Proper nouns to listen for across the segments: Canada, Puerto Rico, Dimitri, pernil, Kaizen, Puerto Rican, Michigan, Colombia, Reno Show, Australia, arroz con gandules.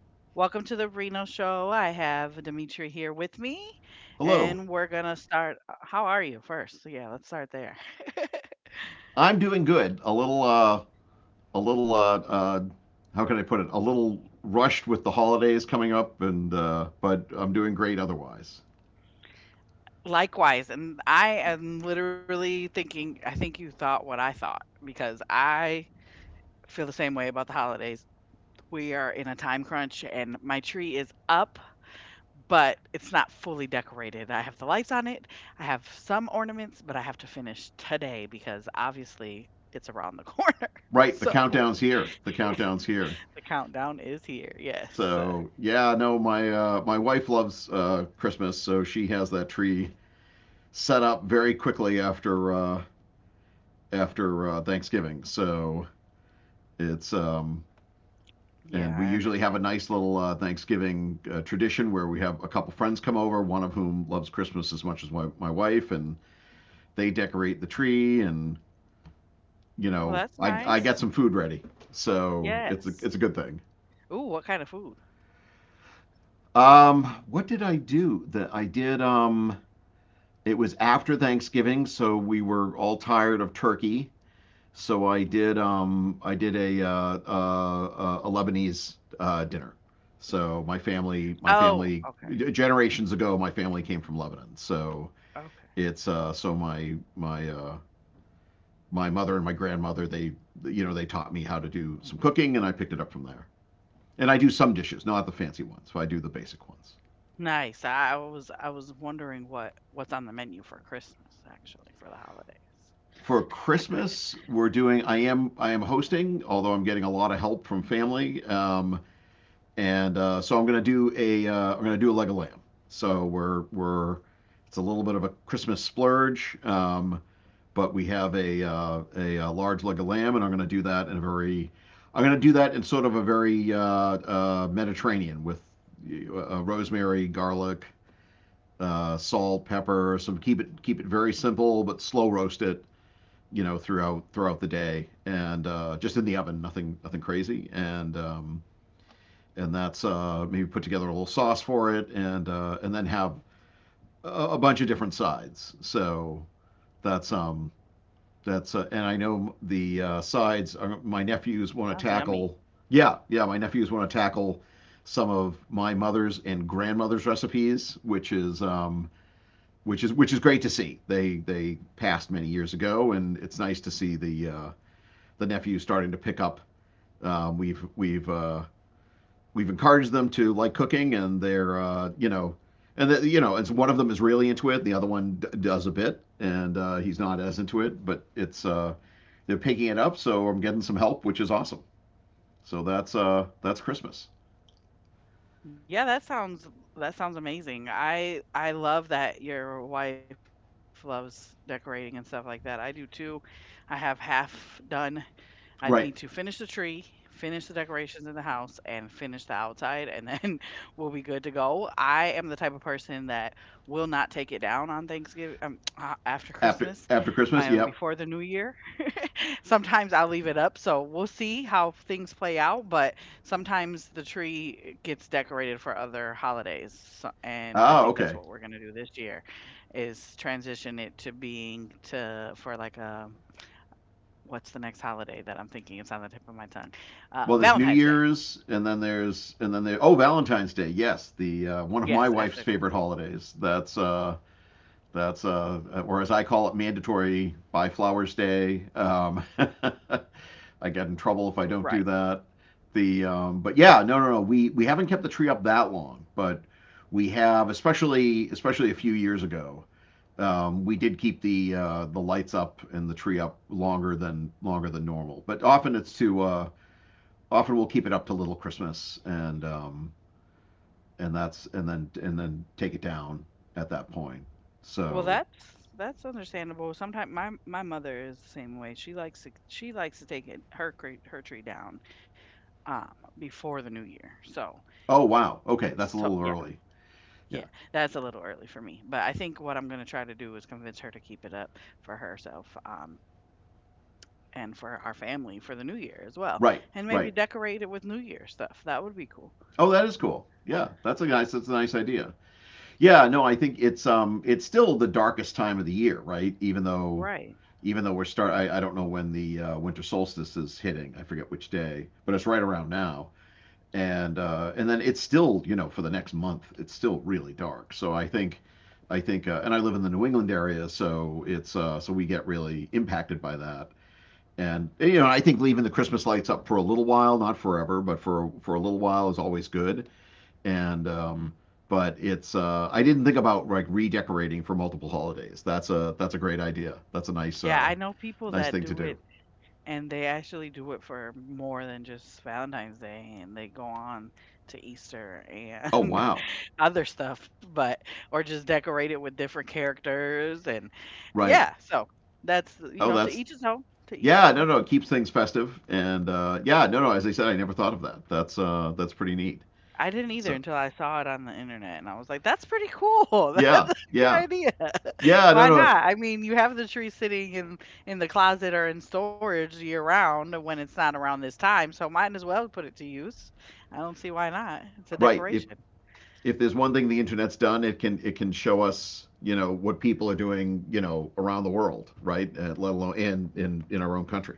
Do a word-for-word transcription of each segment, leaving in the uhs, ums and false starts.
Welcome to the Reno Show. I have Dimitri here with me, and Hello. we're gonna start. uh, How are you first? So Yeah, let's start there. I'm doing good. A little, uh, a little, uh, uh, how can I put it? A little rushed with the holidays coming up, and uh, but I'm doing great otherwise. Likewise, and I am literally thinking, I think you thought what I thought because I feel the same way about the holidays. We are in a time crunch, and my tree is up, but it's not fully decorated. I have the lights on it, I have some ornaments, but I have to finish today because obviously it's around the corner. Right. The So. countdown's here. The countdown's here. The countdown is here. Yes. Uh, So yeah, no, my uh, my wife loves uh, Christmas, so she has that tree set up very quickly after uh, after uh, Thanksgiving. So it's um, and Yeah, we I usually have a understand. nice little uh, Thanksgiving uh, tradition where we have a couple friends come over, one of whom loves Christmas as much as my, my wife, and they decorate the tree, and you Well, know, that's I I get nice. some food ready, so it's a it's a Yes. good thing. Ooh, what kind of food? Um, what did I do? The I did um. It was after Thanksgiving, so we were all tired of turkey. So I did um I did a uh, uh, uh, a Lebanese uh, dinner. So my family my Oh, family okay. generations ago my family came from Lebanon. So Okay. it's uh so my my uh my mother and my grandmother, they you know they taught me how to do some cooking, and I picked it up from there. And I do some dishes, not the fancy ones, but I do the basic ones. Nice. I was I was wondering what what's on the menu for Christmas actually for the holidays. For Christmas, we're doing. I am I am hosting, although I'm getting a lot of help from family. Um, and uh, so I'm gonna do a uh, I'm gonna do a leg of lamb. So we're we're it's a little bit of a Christmas splurge, um, but we have a, uh, a uh large leg of lamb, and I'm gonna do that in a very I'm gonna do that in sort of a very uh, uh, Mediterranean with uh, rosemary, garlic, uh, salt, pepper. Some keep it keep it very simple, but slow roast it. You know, throughout throughout the day, and uh, just in the oven, nothing nothing crazy, and um, and that's uh, maybe put together a little sauce for it, and uh, and then have a, a bunch of different sides. So that's um that's uh, and I know the uh, sides are, my nephews want to Sounds tackle. yummy. Yeah, yeah, my nephews want to tackle some of my mother's and grandmother's recipes, which is um which is which is great to see. They they passed many years ago, and it's nice to see the uh, the nephews starting to pick up. Um, we've we've uh, we've encouraged them to like cooking, and they're uh, you know, and that you know, it's one of them is really into it, the other one d- does a bit, and uh, he's not as into it, but it's uh, they're picking it up, so I'm getting some help, which is awesome. So that's uh, that's Christmas, Yeah, that sounds that sounds amazing. I I love that your wife loves decorating and stuff like that. I do too. I have half done. I need to right? finish the tree, finish the decorations in the house, and finish the outside, and then we'll be good to go. I am the type of person that will not take it down on Thanksgiving, um, after After Christmas, after Christmas, um, yep. before the New Year. Sometimes I leave it up, so we'll see how things play out, but sometimes the tree gets decorated for other holidays, so and I Ah, think that's okay. what we're gonna do this year, is transition it to being to for, like, a what's the next holiday that I'm thinking? It's on the tip of my tongue. Well, Uh, there's New Valentine's Day. Year's, and then there's and then there. Oh, Valentine's Day. Yes, the uh, one of my Yes, wife's after favorite New Year. holidays. That's uh, that's uh, or as I call it, mandatory buy flowers day. Um, I get in trouble if I don't do Right. that. The um, but yeah, no, no, no. We we haven't kept the tree up that long, but we have, especially especially a few years ago. Um, we did keep the uh, the lights up and the tree up longer than longer than normal. But often it's to uh, often we'll keep it up to Little Christmas, and um, and that's and then and then take it down at that point. Well, So that's that's understandable. Sometimes my my mother is the same way. She likes to she likes to take it her cre her tree down, um, before the New Year, so oh wow, okay, that's a that's so little yeah, early. Yeah, yeah, that's a little early for me, but I think what I'm gonna try to do is convince her to keep it up for herself, um, and for our family for the New Year as well, right, and right. maybe decorate it with New Year stuff. That would be cool. Oh, that is cool. Yeah, that's a nice that's a nice idea. Yeah, no, I think it's um it's still the darkest time of the year, right? Even though Right. even though we're start I, I don't know when the uh, winter solstice is hitting. I forget which day, but it's right around now. And uh, and then it's still, you know, for the next month, it's still really dark. So I think I think uh, and I live in the New England area, so it's uh, so we get really impacted by that. And you know, I think leaving the Christmas lights up for a little while, not forever, but for for a little while is always good, and um, but it's uh, I didn't think about like redecorating for multiple holidays. That's a that's a great idea. That's a nice Yeah, uh, I know people nice that thing to do do. it and they actually do it for more than just Valentine's Day and they go on to Easter Oh and wow, other stuff, but or just decorate it with different characters and right. yeah, so that's you Oh know to that's each his own, to each his yeah. No own. no, it keeps things festive, and uh, yeah, no no. As I said, I never thought of that. That's uh, that's pretty neat. I didn't either So until I saw it on the internet, and I was like, "That's pretty cool. That's yeah a good yeah idea. yeah no Why no. If not?" I mean, you have the tree sitting in in the closet or in storage year round when it's not around this time, so might as well put it to use. I don't see why not. It's a right if decoration. if there's one thing the internet's done, it can it can show us, you know, what people are doing, you know, around the world, right, uh, let alone in in in our own country.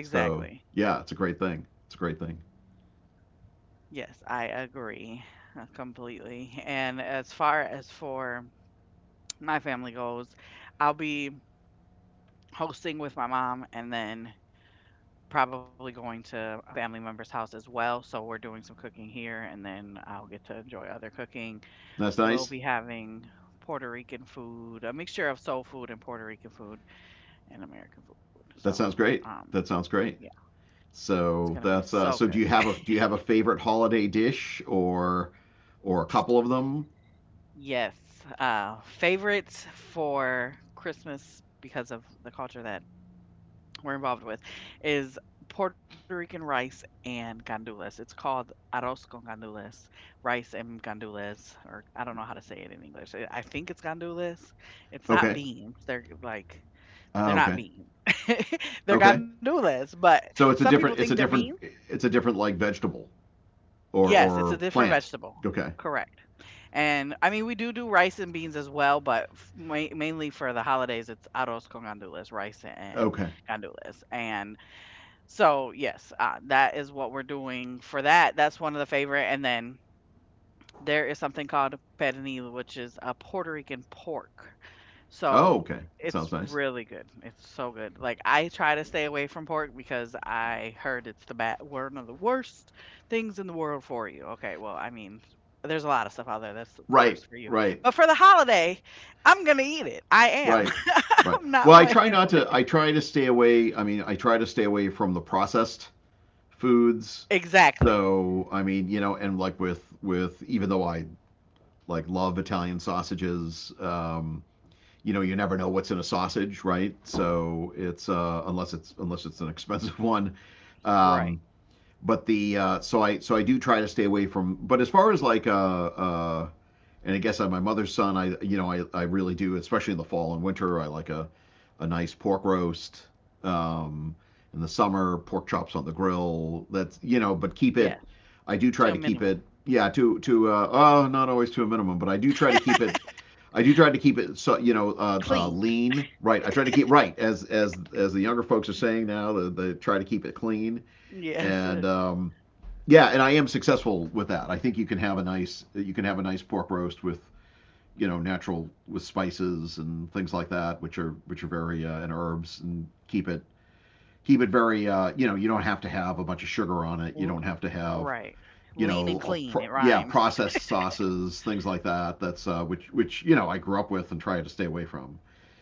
So yeah, it's a great thing. It's a great thing. Yes, I agree uh, completely. And as far as for my family goes, I'll be hosting with my mom and then probably going to a family member's house as well, so we're doing some cooking here, and then I'll get to enjoy other cooking. That's We'll nice. be having Puerto Rican food, a mixture of soul food and Puerto Rican food and American food. So, That sounds great. um, That sounds yeah, great. it's gonna So be that's so uh, so. good. Do you have a do you have a favorite holiday dish, or or a couple of them? Yes, uh, favorites for Christmas because of the culture that we're involved with is Puerto Rican rice and gandules. It's called arroz con gandules, rice and gandules, or I don't know how to say it in English. I I think it's gandules. It's not Okay. beans. They're like they're Ah, not okay. beans. they're Okay. gandules, but some So it's a people think different they're it's a beans. different it's a different like vegetable, or Yes, it's a or different plant. vegetable. Okay. Correct. And I mean, we do do rice and beans as well, but f- ma- mainly for the holidays, it's arroz con gandules, rice and Okay. gandules. And So, yes, uh, that is what we're doing for that. That's one of the favorite. And then there is something called pernil, which is a Puerto Rican pork. Oh, So okay. That it's sounds nice. really good. It's so good. Like I try to stay away from pork because I heard it's the bad one of the worst things in the world for you. Okay, well, I mean, there's a lot of stuff out there that's Right. worse for you. Right. But for the holiday, I'm gonna eat it. I am. Right. Right. I'm not Well, I playing. try not to I try to stay away. I mean, I try to stay away from the processed foods. Exactly. So I mean, you know, and like with with even though I like love Italian sausages, um, you know, you never know what's in a sausage, right? So it's uh, unless it's unless it's an expensive one. Right. Um, but the uh, so I so I do try to stay away from. But as far as like uh, uh, and I guess on my mother's son, I you know I, I really do, especially in the fall and winter, I like a a nice pork roast. Um, in the summer, pork chops on the grill. That's you know, but keep Yeah. it. I do To try a to keep minimum. it. Yeah, to to uh, oh, not always to a minimum, but I do try to keep it. I do try to keep it so, you know uh, uh, Clean. lean. Right, I try to keep right as as as the younger folks are saying now. They, they try to keep it clean. Yes. Uh, and. Um, yeah, and I am successful with that. I think you can have a nice you can have a nice pork roast with you know natural with spices and things like that, which are which are very uh, and herbs, and keep it keep it very uh, you know, you don't have to have a bunch of sugar on it. w- You don't have to have Right. you Lean and know clean. It pro- yeah rhymes. processed sauces, things like that. That's uh, which which you know I grew up with and try to stay away from.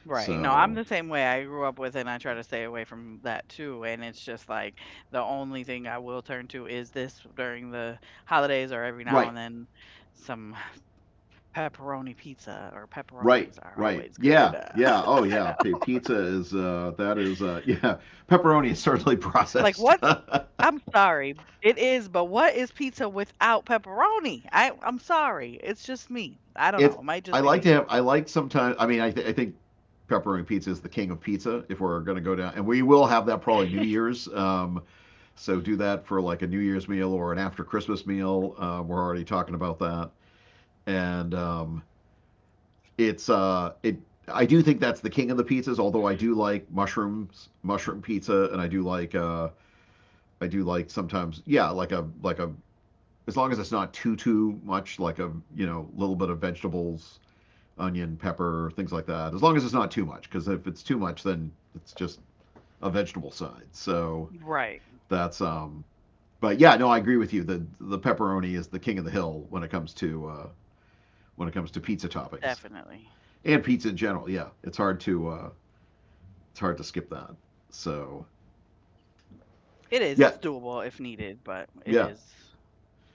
Right. No, I'm So the same way. I grew up with it and I try to stay away from that too. And it's just like the only thing I will turn to is this during the holidays or every now right and then some pepperoni pizza or pepperonis are right. always good. Uh, Right. Yeah. I Yeah. know. Oh, yeah. P- pizza is uh, that is uh, yeah. Pepperoni is certainly Like processed. what's I'm sorry. It is, but what is pizza without pepperoni? I I'm sorry. It's just me. I don't know. it's It might just I be like me. to have. I like sometimes, I mean, I, th- I think pepperoni pizza is the king of pizza, if we're going to go down, and we will have that probably New Year's, um, so do that for like a New Year's meal or an after Christmas meal. Uh, we're already talking about that, and um, it's uh it I do think that's the king of the pizzas, although I do like mushrooms mushroom pizza, and I do like uh I do like sometimes yeah like a like a as long as it's not too too much, like a, you know, little bit of vegetables, onion, pepper, things like that. As long as it's not too much, because if it's too much, then it's just a vegetable side. So Right. that's um. but yeah, no, I agree with you. The the pepperoni is the king of the hill when it comes to uh, when it comes to pizza toppings Definitely. and pizza in general. Yeah, it's hard to uh, it's hard to skip that. So It is. yeah, It's doable if needed, but it yeah. is.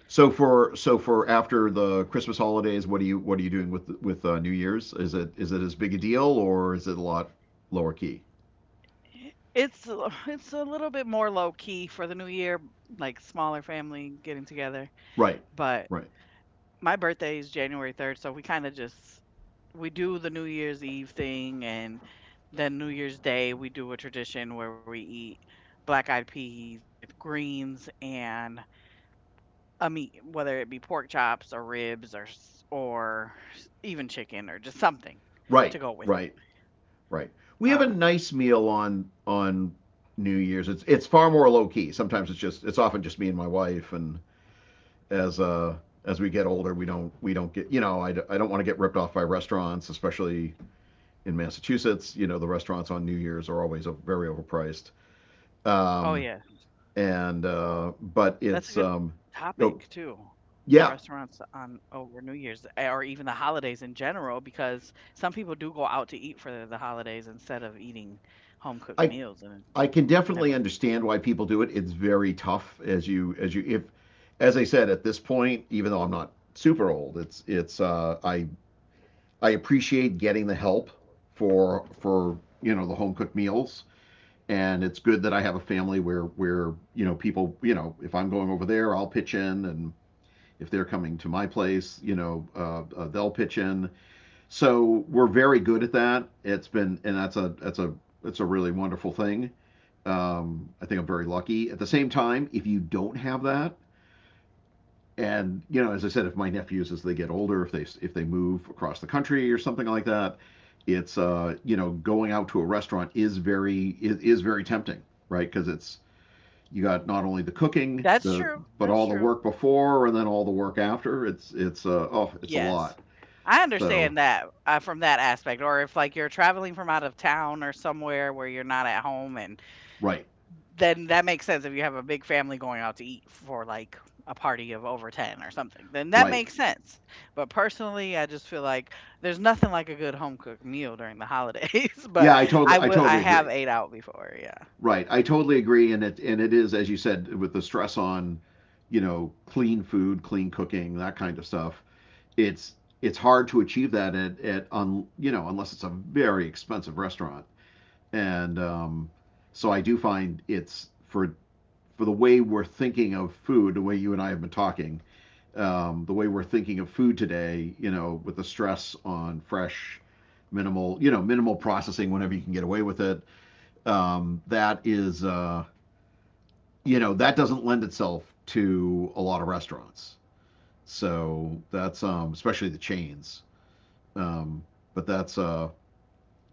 So for so for after the Christmas holidays, what do you what are you doing with with uh, New Year's? Is it is it as big a deal, or is it a lot lower key? It's a- it's a little bit more low key for the new year, like smaller family getting together. Right, But right, my birthday is January third, so we kind of just we do the New Year's Eve thing and then New Year's Day we do a tradition where we eat black-eyed peas with greens and a meat, whether it be pork chops or ribs or s- or even chicken or just something to right, go with it. right. Right. We have a Um, nice meal on on New Year's. It's it's far more low key. Sometimes it's just it's often just me and my wife. And as uh as we get older, we don't we don't get, you know, I I d- I don't want to get ripped off by restaurants, especially in Massachusetts. You know the restaurants on New Year's are always very overpriced. oh Um yeah. and uh but That's it's a good um topic you too. know, The yeah, restaurants on over New Year's eh, or even the holidays in general, because some people do go out to eat for the holidays instead of eating home cooked I meals, and I can I definitely never understood understand it. why people do it. It's very tough as you as you if as I said at this point, even though I'm not super old, it's it's uh, I I appreciate getting the help for for you know the home cooked meals, and it's good that I have a family where where you know people, you know if I'm going over there I'll pitch in, and if they're coming to my place, you know uh, uh, they'll pitch in. So we're very good at that. It's been and that's a that's a It's a really wonderful thing. um, I think I'm very lucky. At the same time, if you don't have that, and you know, as I said, if my nephews as they get older, if they if they move across the country or something like that, it's uh, you know, going out to a restaurant is very is, is very tempting, right? Because it's you got not only the cooking, That's the true. but That's all the true. work before and then all the work after. It's it's uh, oh, it's a Yes. lot. I So understand that uh, from that aspect, or if like you're traveling from out of town or somewhere where you're not at home. And right, then that makes sense if you have a big family going out to eat for like a party of over ten or something. Then that right. makes sense. But personally, I just feel like there's nothing like a good home cooked meal during the holidays, but Yeah, I totally I I would I totally have agree. ate out before, yeah. Right. I totally agree, and it and it is, as you said, with the stress on, you know, clean food, clean cooking, that kind of stuff. It's it's hard to achieve that at at on you know, unless it's a very expensive restaurant, and um, so I do find it's for for the way we're thinking of food, the way you and I have been talking, um, the way we're thinking of food today, you know, with the stress on fresh, minimal, you know, minimal processing whenever you can get away with it. Um, that is. Uh, you know, that doesn't lend itself to a lot of restaurants. So that's um, especially the chains. Um, but that's uh,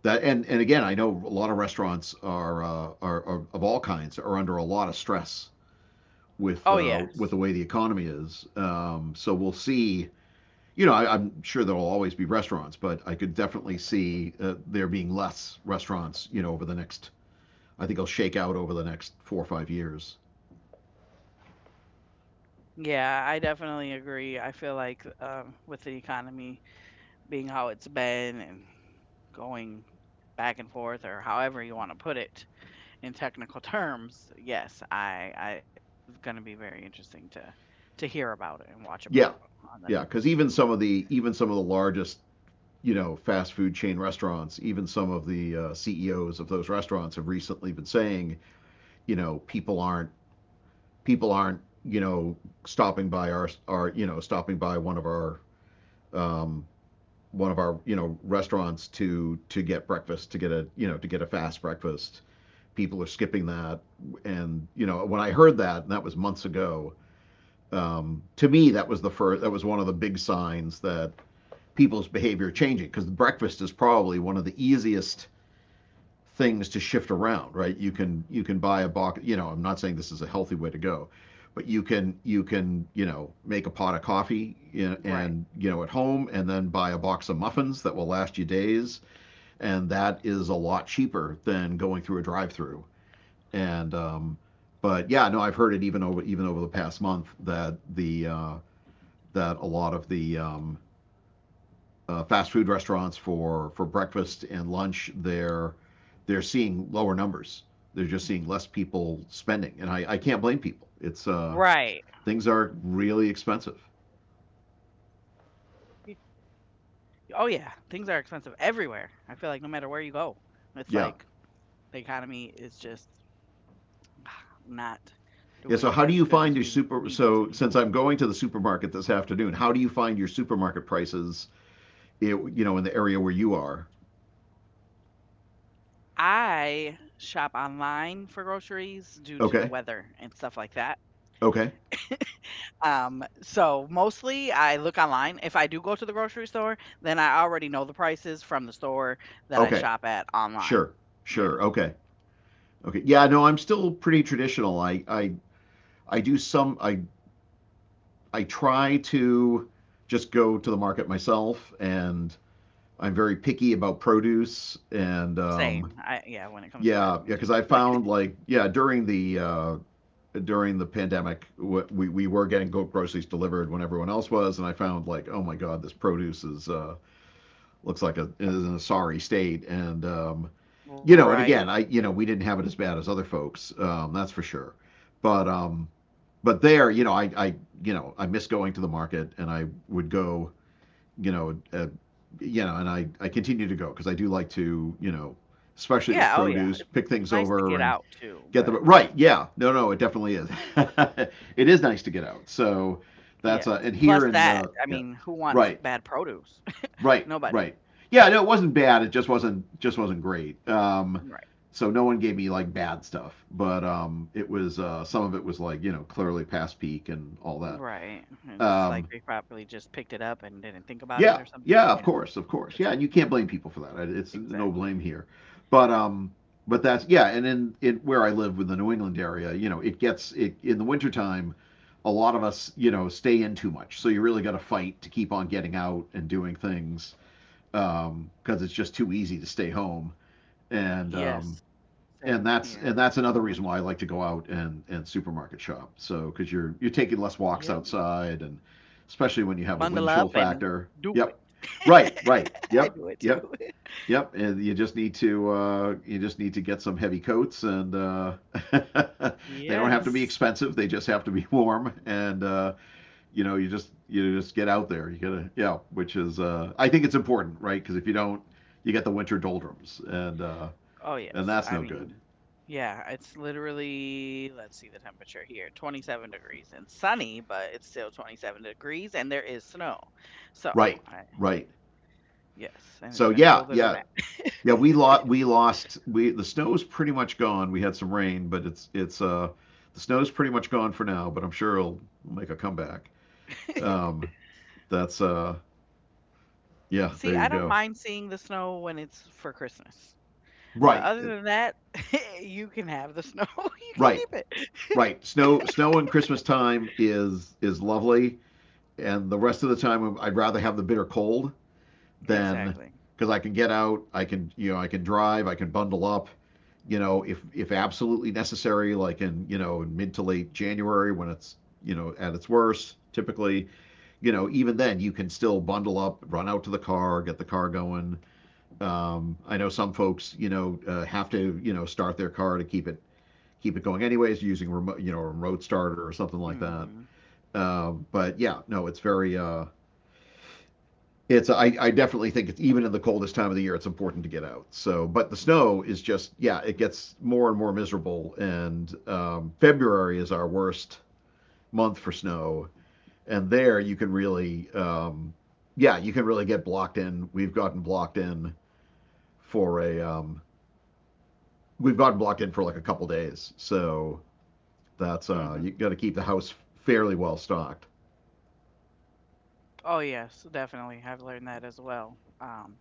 That and and again, I know a lot of restaurants are, uh, are are of all kinds, are under a lot of stress with uh, Oh with the way the yes. economy is. Um, so we'll see. You know, I, I'm sure there'll always be restaurants, but I could definitely see uh, there being less restaurants. You know, over the next, I think it'll shake out over the next four or five years. Yeah, I definitely agree. I feel like um, with the economy being how it's been and going back and forth or however you want to put it, in technical terms, yes, I, I it's going to be very interesting to to hear about it Yeah, and watch about yeah, because on the even some of news. the even some of the largest, you know, fast food chain restaurants, even some of the uh, C E Os of those restaurants have recently been saying, you know, people aren't people aren't, you know, stopping by our our you know stopping by one of our um, one of our, you know, restaurants to to get breakfast to get a you know to get a fast breakfast. People are skipping that, and you know, when I heard that, and that was months ago. Um, to me, that was the first. That was one of the big signs that people's behavior changing, because breakfast is probably one of the easiest things to shift around. Right, you can you can buy a box, you know, I'm not saying this is a healthy way to go, but you can you can you know, make a pot of coffee, you and you know, at Right. home, and then buy a box of muffins that will last you days, and that is a lot cheaper than going through a drive-through. And um, but yeah, no, I've heard it, even over even over the past month, that the uh, that a lot of the um, uh, fast food restaurants for for breakfast and lunch, they're they're seeing lower numbers. They're just seeing less people spending, and I, I can't blame people. It's uh, Right. Things are really expensive. Oh yeah, things are expensive everywhere. I feel like no matter where you go, it's Yeah, like the economy is just not yeah. So doing how do as you good as find your we super? need it to So be doing. since I'm going to the supermarket this afternoon, how do you find your supermarket prices? It, you know, in the area where you are. I shop online for groceries due to the Okay, weather and stuff like that. okay, Um, so mostly I look online. If I do go to the grocery store, then I already know the prices from the store that I okay. shop at online. Sure, Yeah, sure. Okay, okay. Yeah, no, I'm still pretty traditional. I I I do some. I I try to just go to the market myself, and I'm very picky about produce. And um, same. I yeah, when it comes yeah, to yeah, that, because me I too. found like yeah during the uh, during the pandemic, we we were getting groceries delivered when everyone else was, and I found like oh my god, this produce is uh, looks like a is in a sorry state, and um, you know, and Right? again, I you know, we didn't have it as bad as other folks, um, that's for sure, but um, but there, you know, I I you know, I miss going to the market, and I would go, you know, uh, you know, and I, I continue to go because I do like to, you know, especially with Yeah, oh yeah. produce, It's pick it's things nice to over get and out too, get but them right. Yeah, no, no, it definitely is. It is nice to get out. So yes. that's uh, and Plus here, and that, uh, I yeah, mean, who wants right, bad produce? right, Nobody. right. Yeah, no, it wasn't bad. It just wasn't just wasn't great. Um, Right. So no one gave me like bad stuff, but um, it was uh, some of it was like, you know, clearly past peak and all that. Right. And it's just like Um, they probably just picked it up and didn't think about Yeah, it or something. yeah, of Yeah, course, of course, just yeah, and you can't blame people for that. It's no exactly. blame here, but um, but that's yeah, and in in where I live, with the New England area, you know, it gets it in the wintertime. A lot of us, you know, stay in too much, so you really got to fight to keep on getting out and doing things, um, because it's just too easy to stay home. And um, Yes. and Same that's, here and that's in another the reason winter. why I like to go out and and supermarket shop. So because you're you're taking Yep. less walks outside, and especially when you have Bundle a wind up chill and factor. do it. Yep. Right. Right. I Yep. do it too. Yep. Yep. And you just need to uh, you just need to get some heavy coats, and uh, they don't have to be Yes. expensive. They just have to be warm, and uh, you know, you just you just get out there. You gotta yeah, which is uh, I think it's important, right? Because if you don't, you get the winter doldrums, and uh, Oh, and yes. that's I no good. mean, yeah, it's literally, let's see the temperature here twenty seven degrees and sunny, but it's still twenty seven degrees and there is snow. So, Right, I, right. yes, and it's So been yeah, colder than yeah, that. yeah. We lost. We lost. We The snow was pretty much gone. We had some rain, but it's it's uh the snow's pretty much gone for now. But I'm sure it'll make a comeback. Um, that's uh yeah. There See, you I don't go. mind seeing the snow when it's for Christmas. But Right, other it- than that, you can have the snow. you can right, keep it. right. Snow snow and Christmas time is is lovely, and the rest of the time I'd rather have the bitter cold than Exactly. because I can get out. I can, you know, I can drive. I can bundle up. You know, if if absolutely necessary, like in, you know, in mid to late January, when it's, you know, at its worst, typically, you know, even then you can still bundle up, run out to the car, get the car going. Um, I know some folks, you know, uh, have to, you know, start their car to keep it, keep it going anyways, using remote, you know, a remote starter or something like that. hmm Uh, but yeah, no, it's very uh, it's I, I definitely think it's even in the coldest time of the year, it's important to get out. So but the snow is just yeah, it gets more and more miserable, and um, February is our worst month for snow, and there you can really um, yeah, you can really get blocked in. we've gotten blocked in for a um, we've gotten blocked in for like a couple days. So that's uh hmm you got to keep the house fairly well stocked. Oh yes, definitely. I've learned that as well. Um,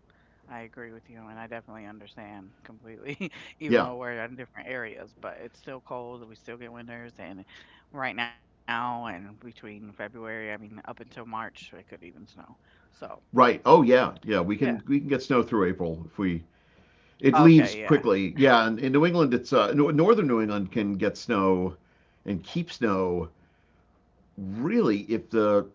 I agree with you, and I definitely understand completely. Even Yeah, though we're in different areas, but it's still cold. We still get winters, and right now, and between February, I mean, up until March, it could even snow. So right, oh yeah, yeah, we yeah. can we can get snow through April if we It leaves Okay. Yeah. quickly. Yeah, and in New England, it's uh, no- northern New England can get snow and keep snow really if the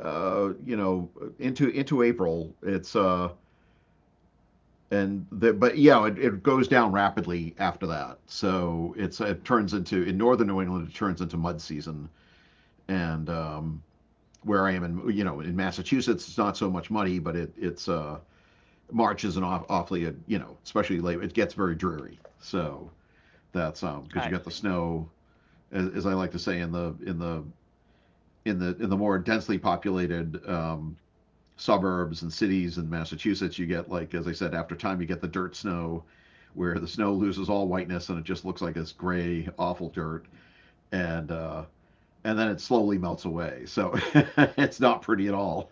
uh, you know, into into April. It's uh, and the, but yeah, it, it goes down rapidly after that. So it's it turns into, in northern New England, it turns into mud season. And um, where I am in, you know, in Massachusetts, it's not so much muddy, but it it's uh, March is an off, awfully, you know, especially late. It gets very dreary. So that's um because I you got the see. snow, as, as I like to say, in the in the in the in the more densely populated um, suburbs and cities in Massachusetts, you get like, as I said, after time you get the dirt snow, where the snow loses all whiteness and it just looks like this gray, awful dirt, and uh, and then it slowly melts away. So it's not pretty at all.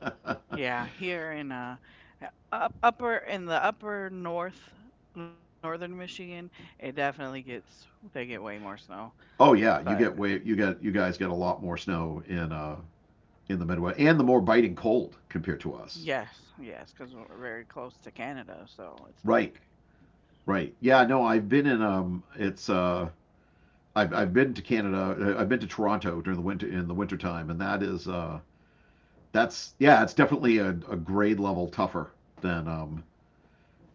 Yeah. Here in uh, uh, up upper in the upper north northern Michigan, it definitely gets they get way more snow. Oh yeah, But. you get way you get you guys get a lot more snow in uh, in the Midwest, and the more biting cold compared to us. Yes, yes, because 'cause we're very close to Canada, so it's Right, like, right. Yeah, yeah. no, I've been in um, it's uh I've, I've been to Canada. uh, I've been to Toronto during the winter in the wintertime, and that is uh, that's, yeah, it's definitely a, a grade level tougher than um,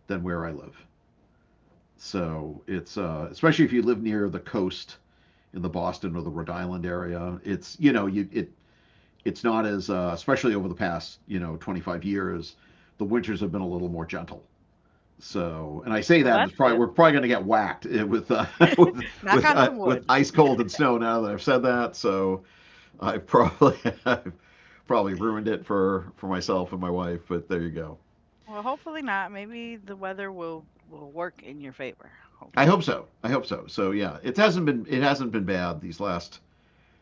than where I live. So it's uh, especially if you live near the coast in the Boston or the Rhode Island area, it's you know you it it's not as uh, especially over the past, you know twenty-five years, the winters have been a little more gentle. So, and I say Well, that that's it's probably good. we're probably going to get whacked eh, with uh, with Knock with on uh, some wood. with ice cold and snow now that I've said that. So, I've probably I've probably ruined it for for myself and my wife, but there you go. Well, hopefully not. Maybe the weather will will work in your favor. I hope Hopefully. so. I hope so. So, yeah, it hasn't been it hasn't been bad these last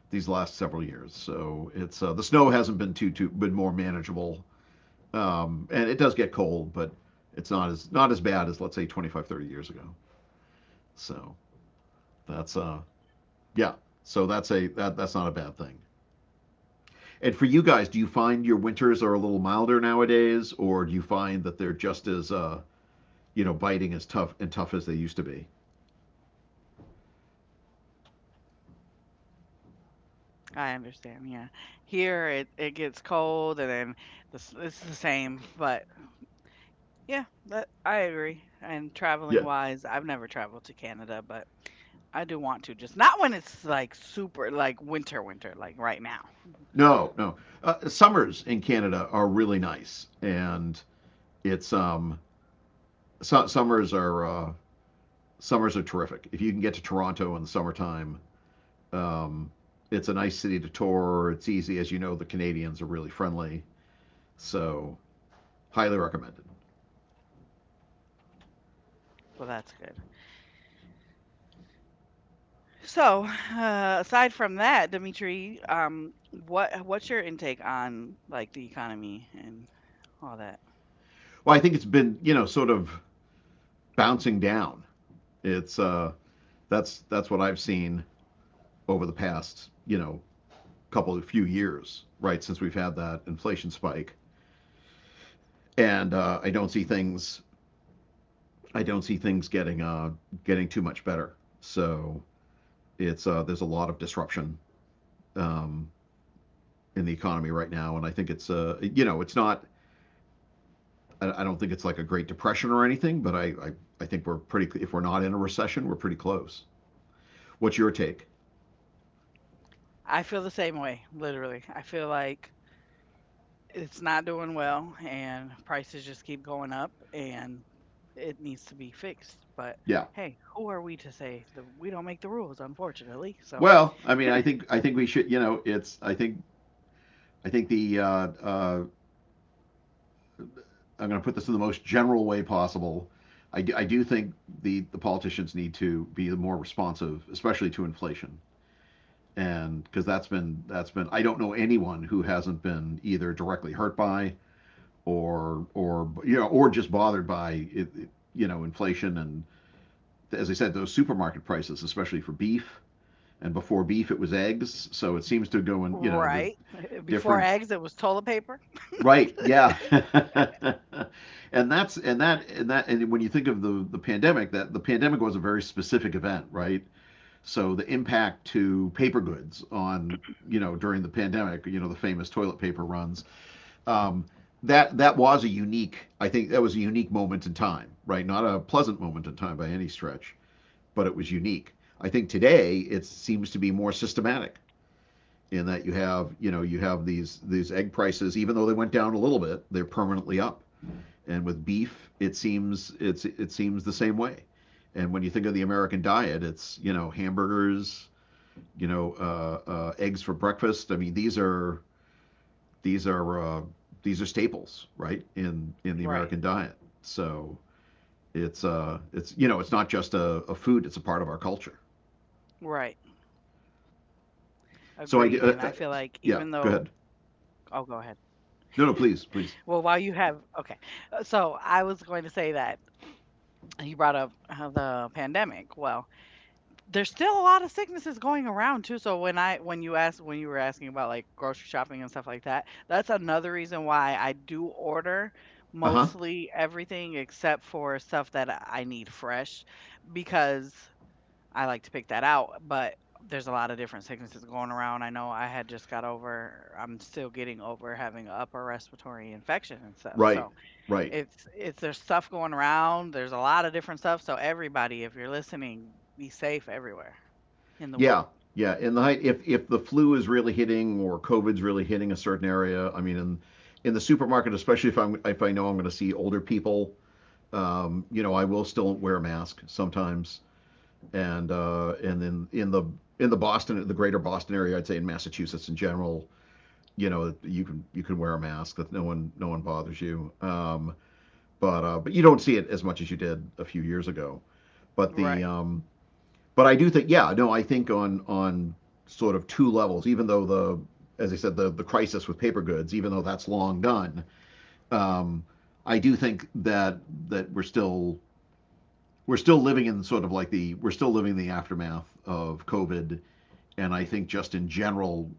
these last several years. So it's uh, The snow hasn't been too too been more manageable. Um, and it does get cold, but it's not as not as bad as, let's say, twenty-five, thirty years ago. So that's uh yeah. So that's a that, that's not a bad thing. And for you guys, do you find your winters are a little milder nowadays, or do you find that they're just as uh, you know biting, as tough and tough as they used to be? I understand. Yeah. Here it it gets cold and then this it's the same, but yeah, that, I agree. And traveling Yeah. wise, I've never traveled to Canada, but I do want to. Just not when it's like super like winter winter like right now. No, no. Uh, summers in Canada are really nice, and it's um su- summers are uh, summers are terrific. If you can get to Toronto in the summertime, um, it's a nice city to tour. It's easy, as you know. The Canadians are really friendly, so highly recommended. So that's good. So, uh, aside from that, Dimitri, um, what what's your intake on like the economy and all that? Well, I think it's been, you know sort of bouncing down. It's uh that's that's what I've seen over the past, you know couple of few years, right, since we've had that inflation spike, and uh, I don't see things. I don't see things getting uh, getting too much better. So it's uh, There's a lot of disruption, um, in the economy right now. And I think it's uh, you know it's not. I don't think it's like a Great Depression or anything, but I, I, I think we're pretty. If we're not in a recession, we're pretty close. What's your take? I feel the same way, literally. I feel like it's not doing well, and prices just keep going up, and it needs to be fixed. But Yeah. hey, who are we to say the we don't make the rules, unfortunately. So, Well, I mean, I think I think we should. You know, it's I think I think the uh, uh, I'm going to put this in the most general way possible. I do, I do think the, the politicians need to be more responsive, especially to inflation, and because that's been that's been, I don't know anyone who hasn't been either directly hurt by, or or you know or just bothered by it, it, you know inflation, and, as I said, those supermarket prices, especially for beef. And before beef it was eggs, so it seems to go in, you know the right before different. eggs, it was toilet paper. Right. Yeah. and that's and that and that and when you think of the the pandemic, that the pandemic was a very specific event, right? So the impact to paper goods on, you know during the pandemic, you know the famous toilet paper runs. Um, that that was a unique. I think that was a unique moment in time, right? Not a pleasant moment in time by any stretch, but it was unique. I think today it seems to be more systematic, in that, you have you know you have these these egg prices, even though they went down a little bit, they're permanently up. And with beef, it seems it's it seems the same way. And when you think of the American diet, it's, you know hamburgers, you know uh, uh, eggs for breakfast. I mean, these are these are uh, these are staples, right, in in the Right, American diet. So it's uh it's you know it's not just a, a food, it's a part of our culture. right, agreed. And I So, I feel uh, like uh, even though, yeah, go ahead. oh, go ahead. No, no, please, please. Well, while you have okay, Uh, so I was going to say that you brought up uh, the pandemic. Well, there's still a lot of sicknesses going around too. So when I when you asked when you were asking about like grocery shopping and stuff like that, that's another reason why I do order Uh-huh. mostly everything except for stuff that I I need fresh because I like to pick that out, but there's a lot of different sicknesses going around. I know I had just got over, I'm still getting over having a upper respiratory infection and stuff. Right, So, right. it's it's there's stuff going around. There's a lot of different stuff, so everybody, if you're listening, be safe everywhere in the Yeah, world. yeah. In the height, if if the flu is really hitting or COVID's really hitting a certain area, I mean, in in the supermarket, especially if I'm if I know I'm going to see older people. um, you know, I will still wear a mask sometimes. And uh, and then in the in the Boston, the greater Boston area, I'd say in Massachusetts in general. You know, you can you can wear a mask that no one no one bothers you. Um, but uh, but you don't see it as much as you did a few years ago. But the Right. um, but I do think, yeah, no, I think on on sort of two levels. Even though the, as I said, the the crisis with paper goods, even though that's long done, um, I do think that that we're still we're still living in sort of like the we're still living in the aftermath of COVID. And I think just in general,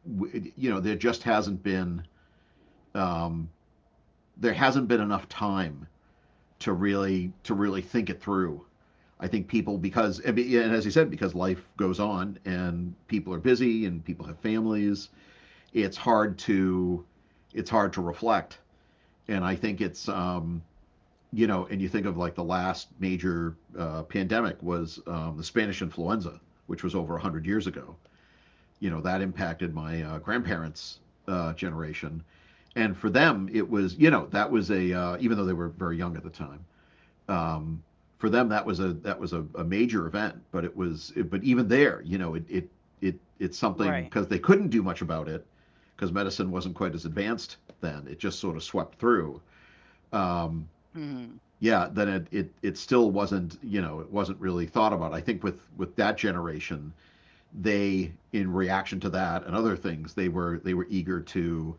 you know, there just hasn't been um, there hasn't been enough time to really, to really think it through. I think people, because and, as you said, because life goes on, and people are busy, and people have families. It's hard to it's hard to reflect. And I think it's, um you know and you think of, like, the last major uh, pandemic was, um, the Spanish influenza, which was over one hundred years ago. You know that impacted my, uh, grandparents, uh, generation. And for them, it was, you know that was a uh, even though they were very young at the time, um, for them, that was a that was a, a major event. But it was it, but even there, you know, it it it it's Right. something, because they couldn't do much about it, because medicine wasn't quite as advanced then. It just sort of swept through. Um, Mhm. yeah, then it, it it still wasn't you know it wasn't really thought about. I think with with that generation, they, in reaction to that and other things, they were they were eager to,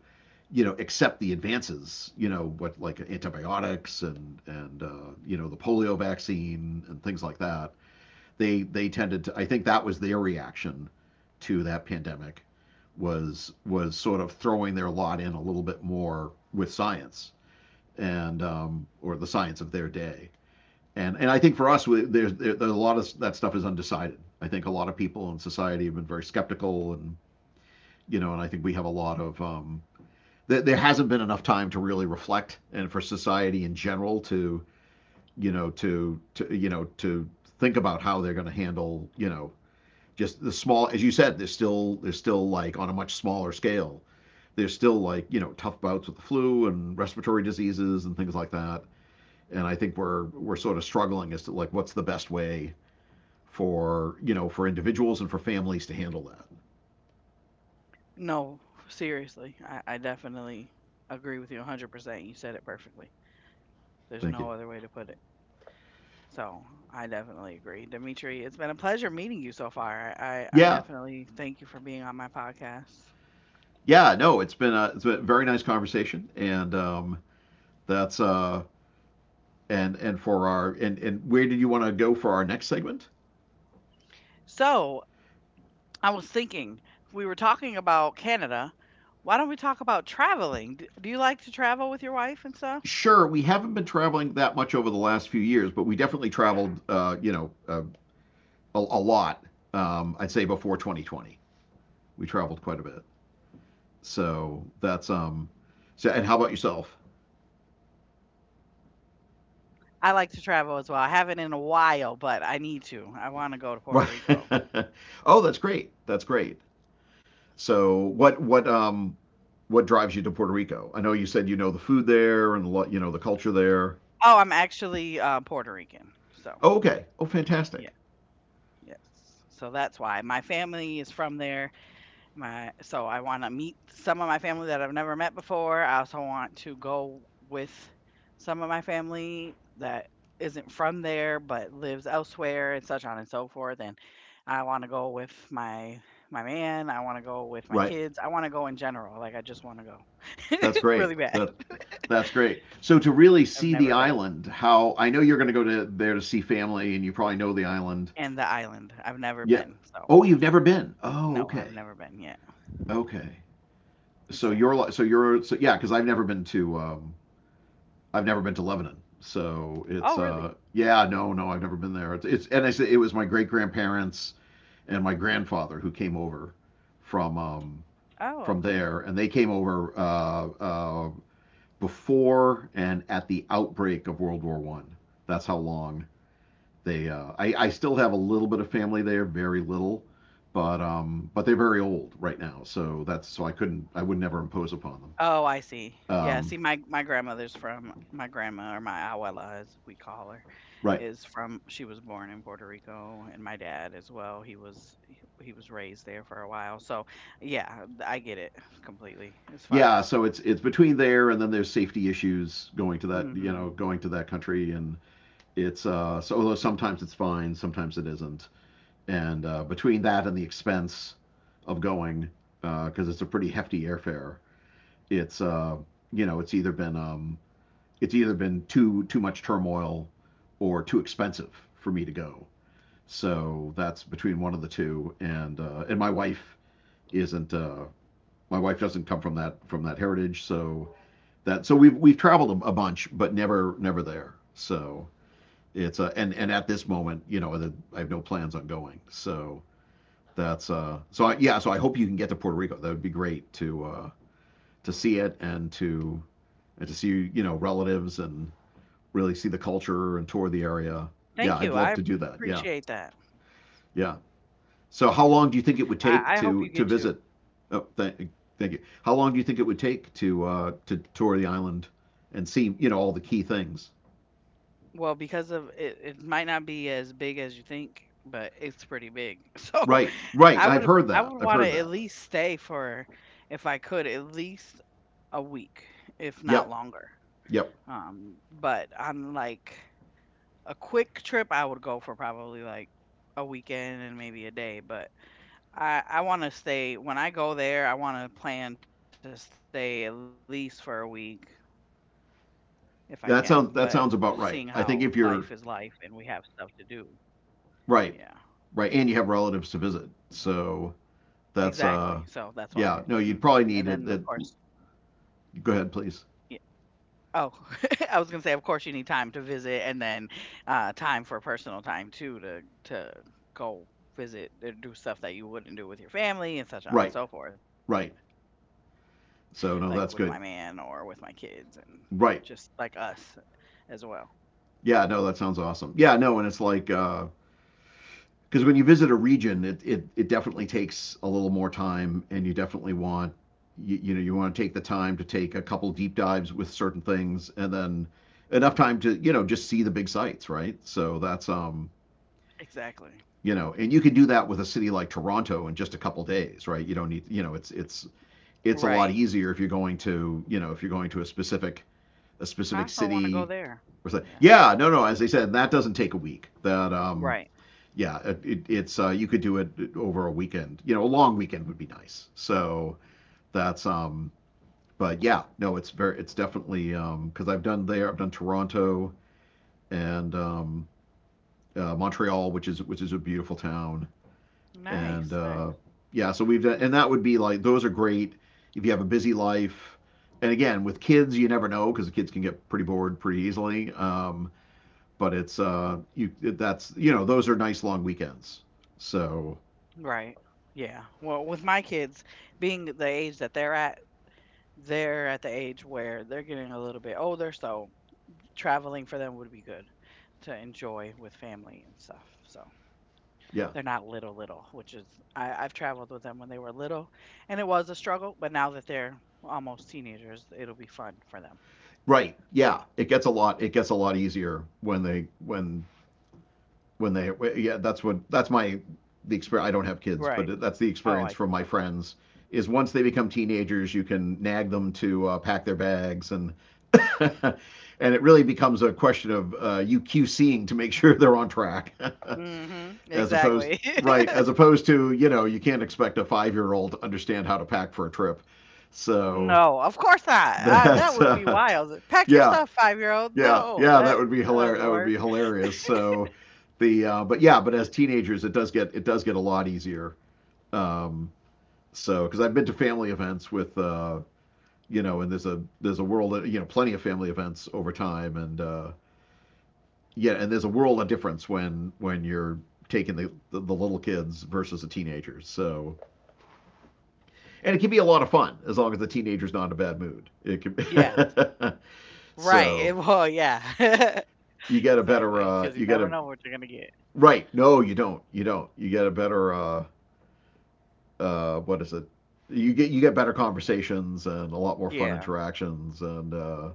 you know, accept the advances. You know, what, like, antibiotics, and and uh, you know the polio vaccine and things like that. They they tended to. I think that was their reaction to that pandemic, was was sort of throwing their lot in a little bit more with science, and, um, or the science of their day. And and I think for us, we, there's there's a lot of that stuff is undecided. I think a lot of people in society have been very skeptical, and, you know, and I think we have a lot of um, th- there hasn't been enough time to really reflect, and for society in general to, you know to, to you know to think about how they're going to handle, you know just the small as you said, there's still, there's still like on a much smaller scale, there's still, like, you know tough bouts with the flu and respiratory diseases and things like that. And I think we're we're sort of struggling as to, like, what's the best way for, you know for individuals and for families to handle that. No, seriously. I I definitely agree with you one hundred percent. You said it perfectly. There's Thank you. no other way to put it. So, I definitely agree. Dimitri, it's been a pleasure meeting you so far. I I, I Yeah, definitely thank you for being on my podcast. yeah, no, it's been a it's been a very nice conversation, and, um that's uh and and for our and and where did you want to go for our next segment? So, I was thinking, if we were talking about Canada. Why don't we talk about traveling? D- Do you like to travel with your wife and stuff? Sure, we haven't been traveling that much over the last few years, but we definitely traveled, uh, you know, uh, a, a lot. Um, I'd say before twenty twenty, we traveled quite a bit. So, that's um, so and how about yourself? I like to travel as well. I haven't in a while, but I need to. I want to go to Puerto Right. Rico. Oh, that's great. That's great. So, what what um what drives you to Puerto Rico? I know you said, you know, the food there, and, a lot, you know, the culture there. Oh, I'm actually uh, Puerto Rican. So, Oh, okay. Oh, yeah, fantastic. yes. So that's why my family is from there. My so I want to meet some of my family that I've never met before. I also want to go with some of my family that isn't from there but lives elsewhere and such on and so forth. And I want to go with my my man. I want to go with my Right. kids. I want to go in general. Like I just want to go That's great. really bad. That That's great. So, to really I've see the never been. island, how, I know you're going to go to there to see family, and you probably know the island. And the island. I've never Yeah. been. So Oh, you've never been. Oh, no, I've okay. never been yet. Okay. So Exactly. you're so you're so yeah, because I've never been to, um, I've never been to Lebanon. So it's Oh uh really? yeah, no, no, I've never been there. It's, it's and I said it was my great grandparents and my grandfather who came over from, um Oh from okay. there, and they came over, uh, uh, before and at the outbreak of World War One. That's how long. They, uh, I, I still have a little bit of family there, very little, but um, but they're very old right now, so that's so I couldn't, I would never impose upon them. Oh, I see. Yeah, Um, see, my my grandmother's from my grandma or my abuela, as we call her, right. is from. She was born in Puerto Rico, and my dad as well. He was he he was raised there for a while. So, yeah, I get it completely as far Yeah, as. so it's it's between there, and then there's safety issues going to that, you hmm know going to that country. And it's uh so although sometimes it's fine, sometimes it isn't. And, uh, between that and the expense of going, because, uh, it's a pretty hefty airfare. It's uh you know It's either been, um it's either been too too much turmoil or too expensive for me to go. So that's between one of the two, and uh, and my wife isn't. Uh, my wife doesn't come from that from that heritage, so that so we've we've traveled a, a bunch, but never never there. So it's uh, and and at this moment, you know, I have no plans on going. So that's uh, so I, yeah. So I hope you can get to Puerto Rico. That would be great to uh, to see it and to and to see you know relatives and really see the culture and tour the area. Yeah, Thank I'd you. I love to do that. appreciate Yeah, that. yeah. So Yeah, how long do you think it would I I take hope you to get to to. visit? Oh, thank, thank you. How long do you think it would take to uh, to tour the island and see you know all the key things? Well, because of it, it might not be as big as you think, but it's pretty big. So, Right, I right. I've would heard I that. would I've want to heard at that. least stay for if I could at least a week, if not Yep, longer. yep. Um, but on like a quick trip, I would go for probably like a weekend and maybe a day. But I I want to stay when I go there. I want to plan to stay at least for a week if I can. But That sounds seeing that sounds about how right. life I is think if life you're and we have stuff to do, yeah, right, right, and you have relatives to visit, so that's exactly. uh, So that's why. yeah. No, you'd probably hmm And need then it. of it course. Yeah, Go ahead, please. Oh, I was gonna say, of course, you need time to visit, and then uh, time for personal time too to to go visit and do stuff that you wouldn't do with your family and such on Right, and so forth, right. like with my man or with my So kids no, that's and good. just like us as Right. well. Yeah. No, that sounds awesome. Yeah. No, and it's like uh, because when you visit a region, it, it, it definitely takes a little more time, and you definitely want you, you know you want to take the time to take a couple deep dives with certain things, and then enough time to you know just see the big sites, right? So that's um Exactly. you know, and You can do that with a city like Toronto in just a couple days, right? You don't need, you know it's it's it's a Right. lot easier if you're going to, you know if you're going to a specific a I specific also want to go city there. or something. Yeah. Yeah, no, no, as they said, that doesn't take a week. That um Right. Yeah, it, it's uh, you could do it over a weekend. You know, a long weekend would be nice. So that's um, but yeah, no, it's very, it's definitely, um, because I've done there, I've done Toronto and um, uh, Montreal, which is which is a beautiful town, and Nice. uh, Nice. yeah, so we've done, and that would be like, those are great if you have a busy life. And again, with kids, you never know, because the kids can get pretty bored pretty easily. Um, but it's uh, you that's you know Those are nice long weekends. So Right. Yeah. Well, with my kids being the age that they're at, they're at the age where they're getting a little bit older, so traveling for them would be good to enjoy with family and stuff. So yeah. they're not little, little, which is, I, I've traveled with them when they were little and it was a struggle, but now that they're almost teenagers, it'll be fun for them. Right. Yeah. It gets a lot. It gets a lot easier when they when when they yeah. That's what that's my The experience. I don't have kids, Right. but that's the Oh, I experience see. from my friends. Is Once they become teenagers, you can nag them to uh, pack their bags, and and it really becomes a question of, uh, you QCing to make sure they're on track, Okay. Mm-hmm. as opposed Exactly. right as opposed to, you know you can't expect a five-year-old to understand how to pack for a trip. So No, of course not. Uh, that that's would be uh, wild. Pack your yeah. stuff, five year old. Yeah, No, yeah, that that, would be that hilarious. doesn't That would work. be hilarious. So, the uh, but yeah, but as teenagers, it does get it does get a lot easier. Um, so, because I've been to family events with uh, you know, and there's a there's a world, you know plenty of family events over time, and uh, yeah, and there's a world of difference when when you're taking the, the the little kids versus the teenagers. So, and it can be a lot of fun as long as the teenager's not in a bad mood. It Yeah. can. Right. It, well, so Yeah. you get a Exactly. better Because you uh, you never get know a what you're going to get. right. No, you don't. You don't. You get a better, uh uh what is it? You get you get better conversations and a lot more fun Yeah. interactions, and uh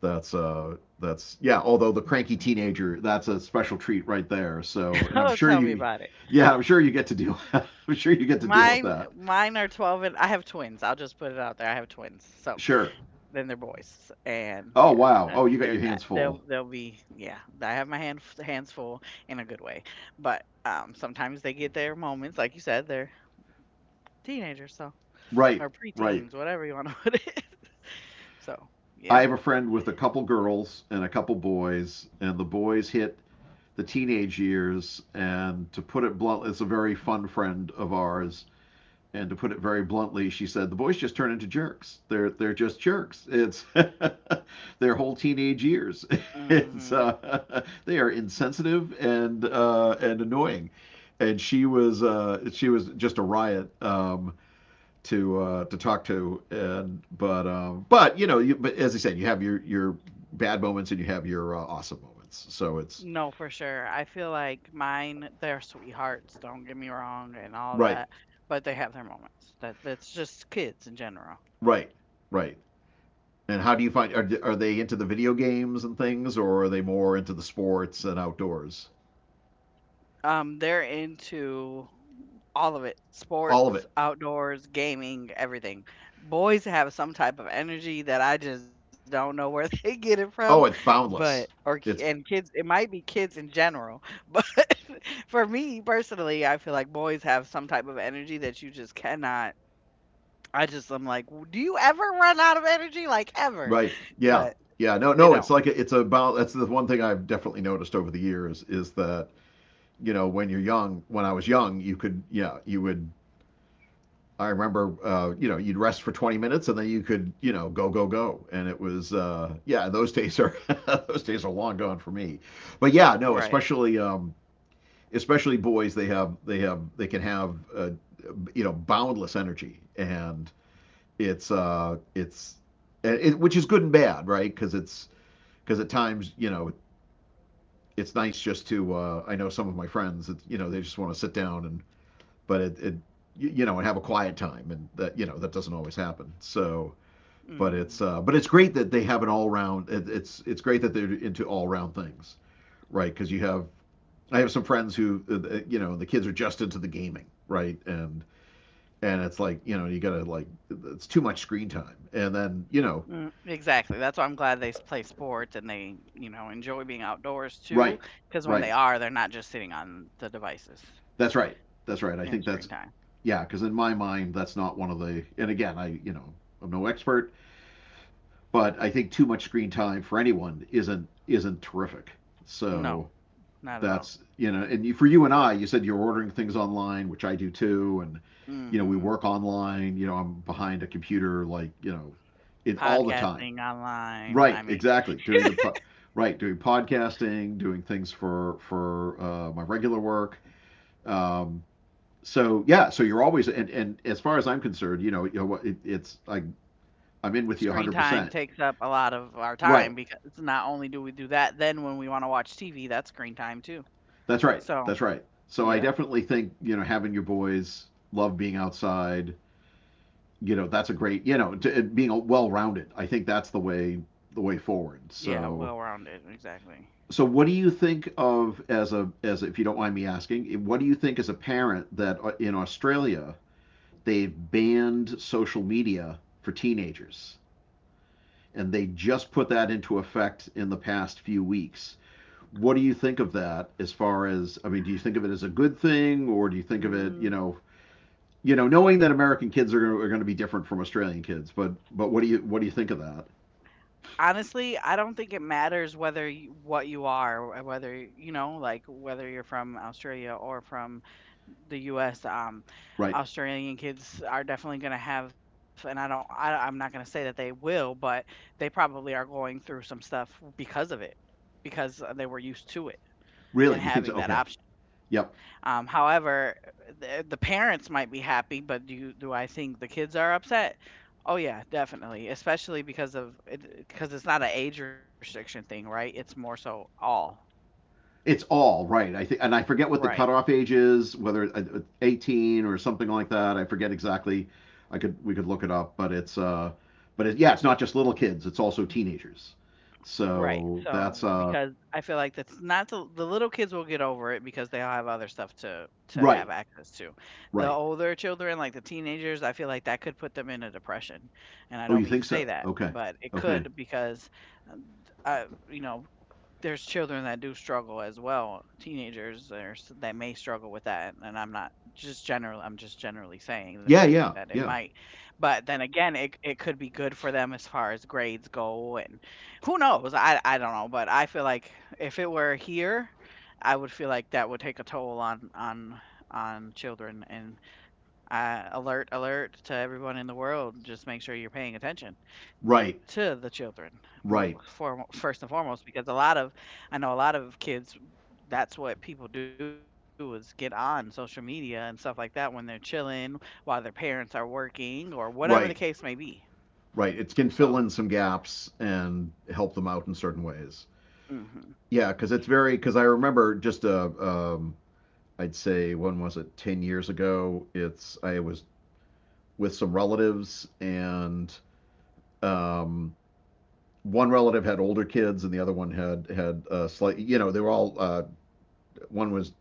that's uh that's yeah, although the cranky teenager, that's a special treat right there. So, and I'm Oh, sure tell me you about it. yeah, I'm sure you get to deal I'm sure you get to deal with Mine that. mine are twelve and I have twins. I'll just put it out there. I have twins. So, Sure. then they're boys. And Oh, yeah, wow. that Oh, you got there's your that. hands full. They'll they'll be yeah, I have my hand, hands full in a good way. But um sometimes they get their moments like you said, they're teenagers, so Right. or Right. preteens, whatever you want to put it. So, I yep. have a friend with a couple girls and a couple boys, and the boys hit the teenage years, and to put it bluntly, it's a very fun friend of ours. And to put it very bluntly, she said the boys just turn into jerks. They're they're just jerks. It's their whole teenage years. It's, hmm uh, they are insensitive and, uh, and annoying. And she was uh, she was just a riot, um, to uh, to talk to. And but um, but you know you, but as I said, you have your your bad moments and you have your uh, awesome moments. So it's No, for sure. I feel like mine, they're sweethearts, don't get me wrong, and all right. that, but they have their moments. That that's just kids in general. Right, right. And how do you find? Are, are they into the video games and things, or are they more into the sports and outdoors? Um, they're into all of it All of sports, it. outdoors, gaming, everything. Boys have some type of energy that I just don't know where they get it from, Oh, it's but or boundless. ki- and It's kids, it might be kids in general, but for me personally, I feel like boys have some type of energy that you just cannot. I just I'm like, "W- do you ever run out of energy? Like ever? right. Yeah, But yeah. No, they no. It's don't. like a, it's a bound. That's the one thing I've definitely noticed over the years, is that you know when you're young, when I was young, you could yeah, you would. I remember, uh, you know you'd rest for 20 minutes and then you could, you know go go go, and it was, uh, yeah, those days are those days are long gone for me. But yeah, no, Right. especially, um, especially boys, they have they have they can have uh, you know boundless energy, and it's uh it's it, which is good and bad, right? Because it's because at times, you know it's nice just to, uh, I know some of my friends that, you know they just want to sit down and but it, it you you know and have a quiet time, and that you know that doesn't always happen. So but Mhm. it's uh, but it's great that they have an all round it, it's it's great that they're into all round things, right? Because you have I have some friends who, uh, uh, you know, the kids are just into the gaming, right? And and it's like, you know, you gotta, like, it's too much screen time. And then, you know, Mm, exactly. That's why I'm glad they s- play sports and they, you know, enjoy being outdoors too. right, Because when they right, are, they're not just sitting on the devices that's right, that's right. I and think screen that's time. Yeah, because in my mind, that's not one of the. And again, I, you know, I'm no expert, but I think too much screen time for anyone isn't isn't terrific. So No, not at all. that's you know, and you, for you and I, you said you're ordering things online, which I do too, and, you know, we Hmm work online. You know, I'm behind a computer like, you know it, all the time. Podcasting online. Right, I mean, exactly. Doing the po- right, doing podcasting, doing things for for uh, my regular work. Um, so yeah, so you're always and, and as far as I'm concerned, you know, you know, it, it's like, I'm in with you screen 100. time percent takes up a lot of our time Right, because not only do we do that, then when we want to watch T V, that's screen time too. that's right, So, that's right. So I yep. definitely think, you know having your boys love being outside, you know, that's a great, you know to, being well rounded. I think that's the way, the way forward. Yeah, So, well rounded. Exactly. so what do you think of, as a, as, if you don't mind me asking, what do you think, as a parent, that, uh, in Australia they've banned social media for teenagers, and they just put that into effect in the past few weeks? What do you think of that, as far as, I mean, do you think of it as a good thing, or do you think of it, you Mm, know, you know knowing that American kids are going to, are going to be different from Australian kids, but but what do you, what do you think of that? honestly, I don't think it matters whether you what you are, wh- whether, you know, like whether you're from Australia or from the U S, um, Right, Australian kids are definitely going to have, and I don't, I, I'm not going to say that they will, but they probably are going through some stuff because of it, because uh, they were used to it and really? You having think so? that Okay. option. Yep. Um, however, the, the parents might be happy, but do you, do I think the kids are upset? Oh yeah, definitely, especially because of because it's not an age restriction thing, right? It's more so all. It's all right, I think, and I forget what the Right. cutoff age is, whether it- uh, eighteen or something like that. I forget exactly. I could We could look it up, but it's uh, but it, yeah, it's not just little kids; it's also teenagers. Right. So that's So uh, because I feel like that's not the, the little kids will get over it because they'll have other stuff to to have right, access to. The right. older children, like the teenagers, I feel like that could put them in a depression. And I Oh, don't you mean think to say so? that, Okay, but it okay. could because um, uh, I, you know, there's children that do struggle as well, teenagers there's that may struggle with that, and I'm not just general I'm just generally saying that Yeah, it yeah, might, yeah. but then again, it it could be good for them as far as grades go, and who knows? I I don't know, but I feel like if it were here, I would feel like that would take a toll on on on children and uh, alert, alert to everyone in the world. Just make sure you're paying attention to Right, the children mo- right, for, first and foremost, because a lot of, I know a lot of kids, that's what people do is get on social media and stuff like that when they're chilling while their parents are working or whatever the case may be. right, So, right. It can fill in some gaps and help them out in certain ways. hmm Yeah, because it's very because I remember just a, um, I'd say, when was it? Ten years ago. It's I was with some relatives, and, um, one relative had older kids, and the other one had had, uh, slight. You know, they were all. Uh, one was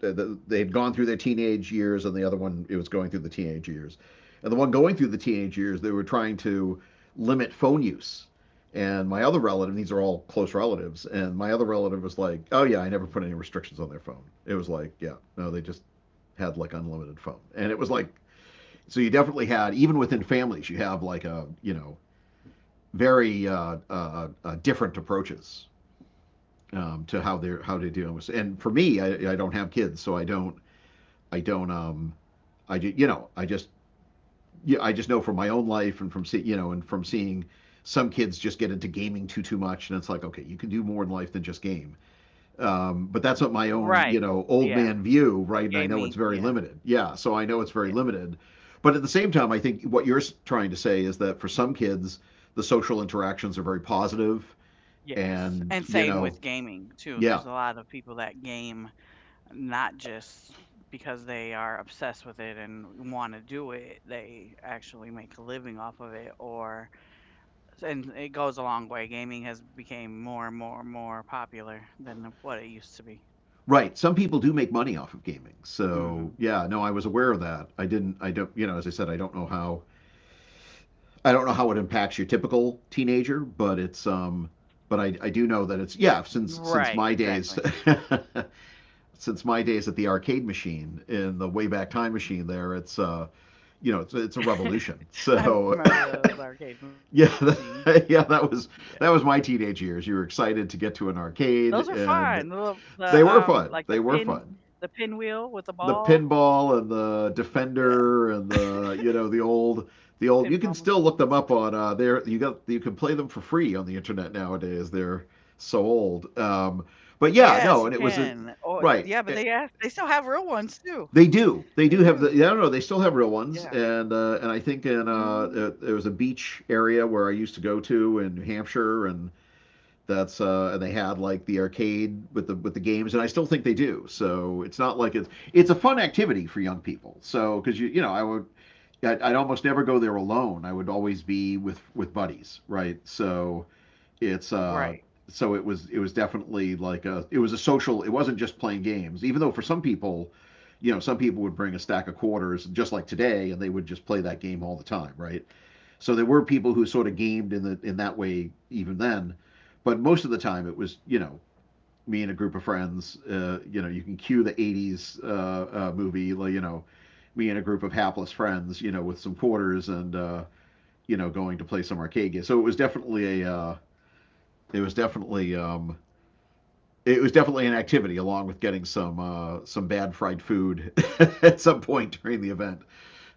They had gone through their teenage years, and the other one it was going through the teenage years. And the one going through the teenage years, they were trying to limit phone use. And my other relative, these are all close relatives, and my other relative was like, "Oh yeah, I never put any restrictions on their phone." It was like, "Yeah, no, they just had like unlimited phone," and it was like, so you definitely had, even within families, you have like a you know very uh, uh, uh, different approaches um, to how they're how they deal with. And for me, I, I don't have kids, so I don't I don't um I ju- you know I just, yeah, I just know from my own life and from see, you know and from seeing some kids just get into gaming too too much, and it's like, okay, you can do more in life than just game. Um, but that's what my own, you right. know, old Yeah. man view, right? And I know it's Gaming. very Yeah. limited. Yeah, so I know it's very Yeah. limited. But at the same time, I think what you're trying to say is that for some kids, the social interactions are very positive, positive. Yes. And And you same know, with gaming, too. yeah, There's a lot of people that game not just because they are obsessed with it and want to do it they actually make a living off of it or and it goes a long way gaming has become more and more and more popular than what it used to be right. Some people do make money off of gaming. So hmm yeah, no, I was aware of that. I didn't. I don't. You know, as I said, I don't know how. I don't know how it impacts your typical teenager, but it's um. But I, I do know that it's right yeah. Since exactly since my days, since my days at the arcade machine in the way back time machine there, it's uh you know it's, it's a revolution. I remember those So arcade machines yeah, yeah that, yeah, that was, that was my teenage years. You were those are excited to get fun the, to an little- arcade, the um and like the pin they were the fun they were pinwheel with the fun ball The pinball and yeah the defender and the, you know, the pinball old, the machines. old, you can still look them up on uh there. You got, you can play them for free on the internet nowadays. They're so old. um Yes, you But yeah, no, can. and it was Oh, a, yeah, but they right. ask they still have real ones too. They They do. They do. do have the. Yeah, I don't know. They still have Yeah. real ones, and uh, and I think in uh, Mhm. uh, there was a beach area where I used to go to in New Hampshire, and that's uh, and they had like the arcade with the with the games, and I still think they do. So it's not like it's it's a fun activity for young people. So because you you know, I would, I'd, I'd almost never go there alone. I would always be with with buddies, right? So it's Right. uh so it was, it was definitely like a, it was a social, it wasn't just playing games, even though for some people, you know, some people would bring a stack of quarters just like today, and they would just play that game all the time, right? So there were people who sort of gamed in the in that way even then, but most of the time it was, you know, me and a group of friends. Uh, you know, you can cue the eighties uh, uh, movie, like, you know, me and a group of hapless friends, you know, with some quarters and uh, you know, going to play some arcade game. So it was definitely a uh, it was definitely um, it was definitely an activity, along with getting some uh, some bad fried food at some point during the event.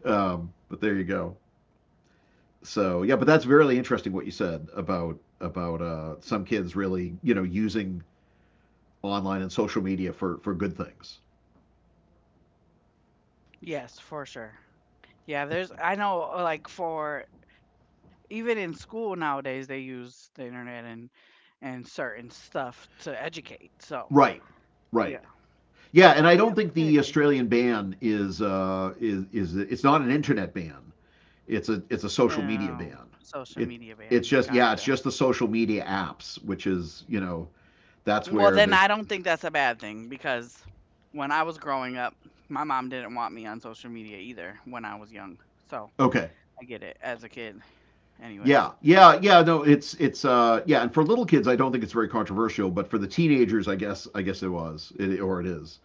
Um, but there you go. So yeah, but that's really interesting what you said about about uh, some kids really, you know, using online and social media for for good things. Yes, for sure. Yeah, there's I know uh, like for even in school nowadays they use the internet and and certain stuff to educate. So, Right. yeah. Right. Yeah, and I Yep, don't think I the agree. Australian ban is uh, is, is it's not an internet ban. It's a it's a social media Um ban. social It, media it's ban. just yeah, it's Gotcha. just the social media apps, which is, you know, that's Well, where then there's, I don't think that's a bad thing because when I was growing up, my mom didn't want me on social media either when I was young. So, okay. I get it as a kid Yeah. anyways. Yeah. Yeah. No, it's it's uh yeah, and for little kids, I don't think it's very controversial, but for the teenagers, I guess I guess it was it, or it is.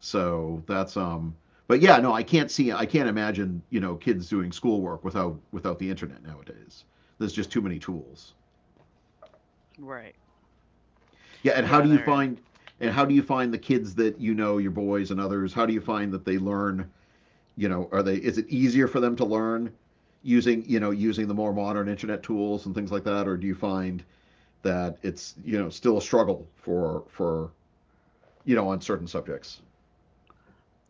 So that's um. But yeah, no, I can't see I can't imagine, you know, kids doing schoolwork without without the internet nowadays. There's just too many tools. Right. Yeah, and how do Yeah, you there is. find, and how do you find the kids that, you know, your boys and others? How do you find that they learn? You know, are they, is it easier for them to learn using, you know, using the more modern internet tools and things like that, or do you find that it's, you know, still a struggle for for you know, on certain subjects.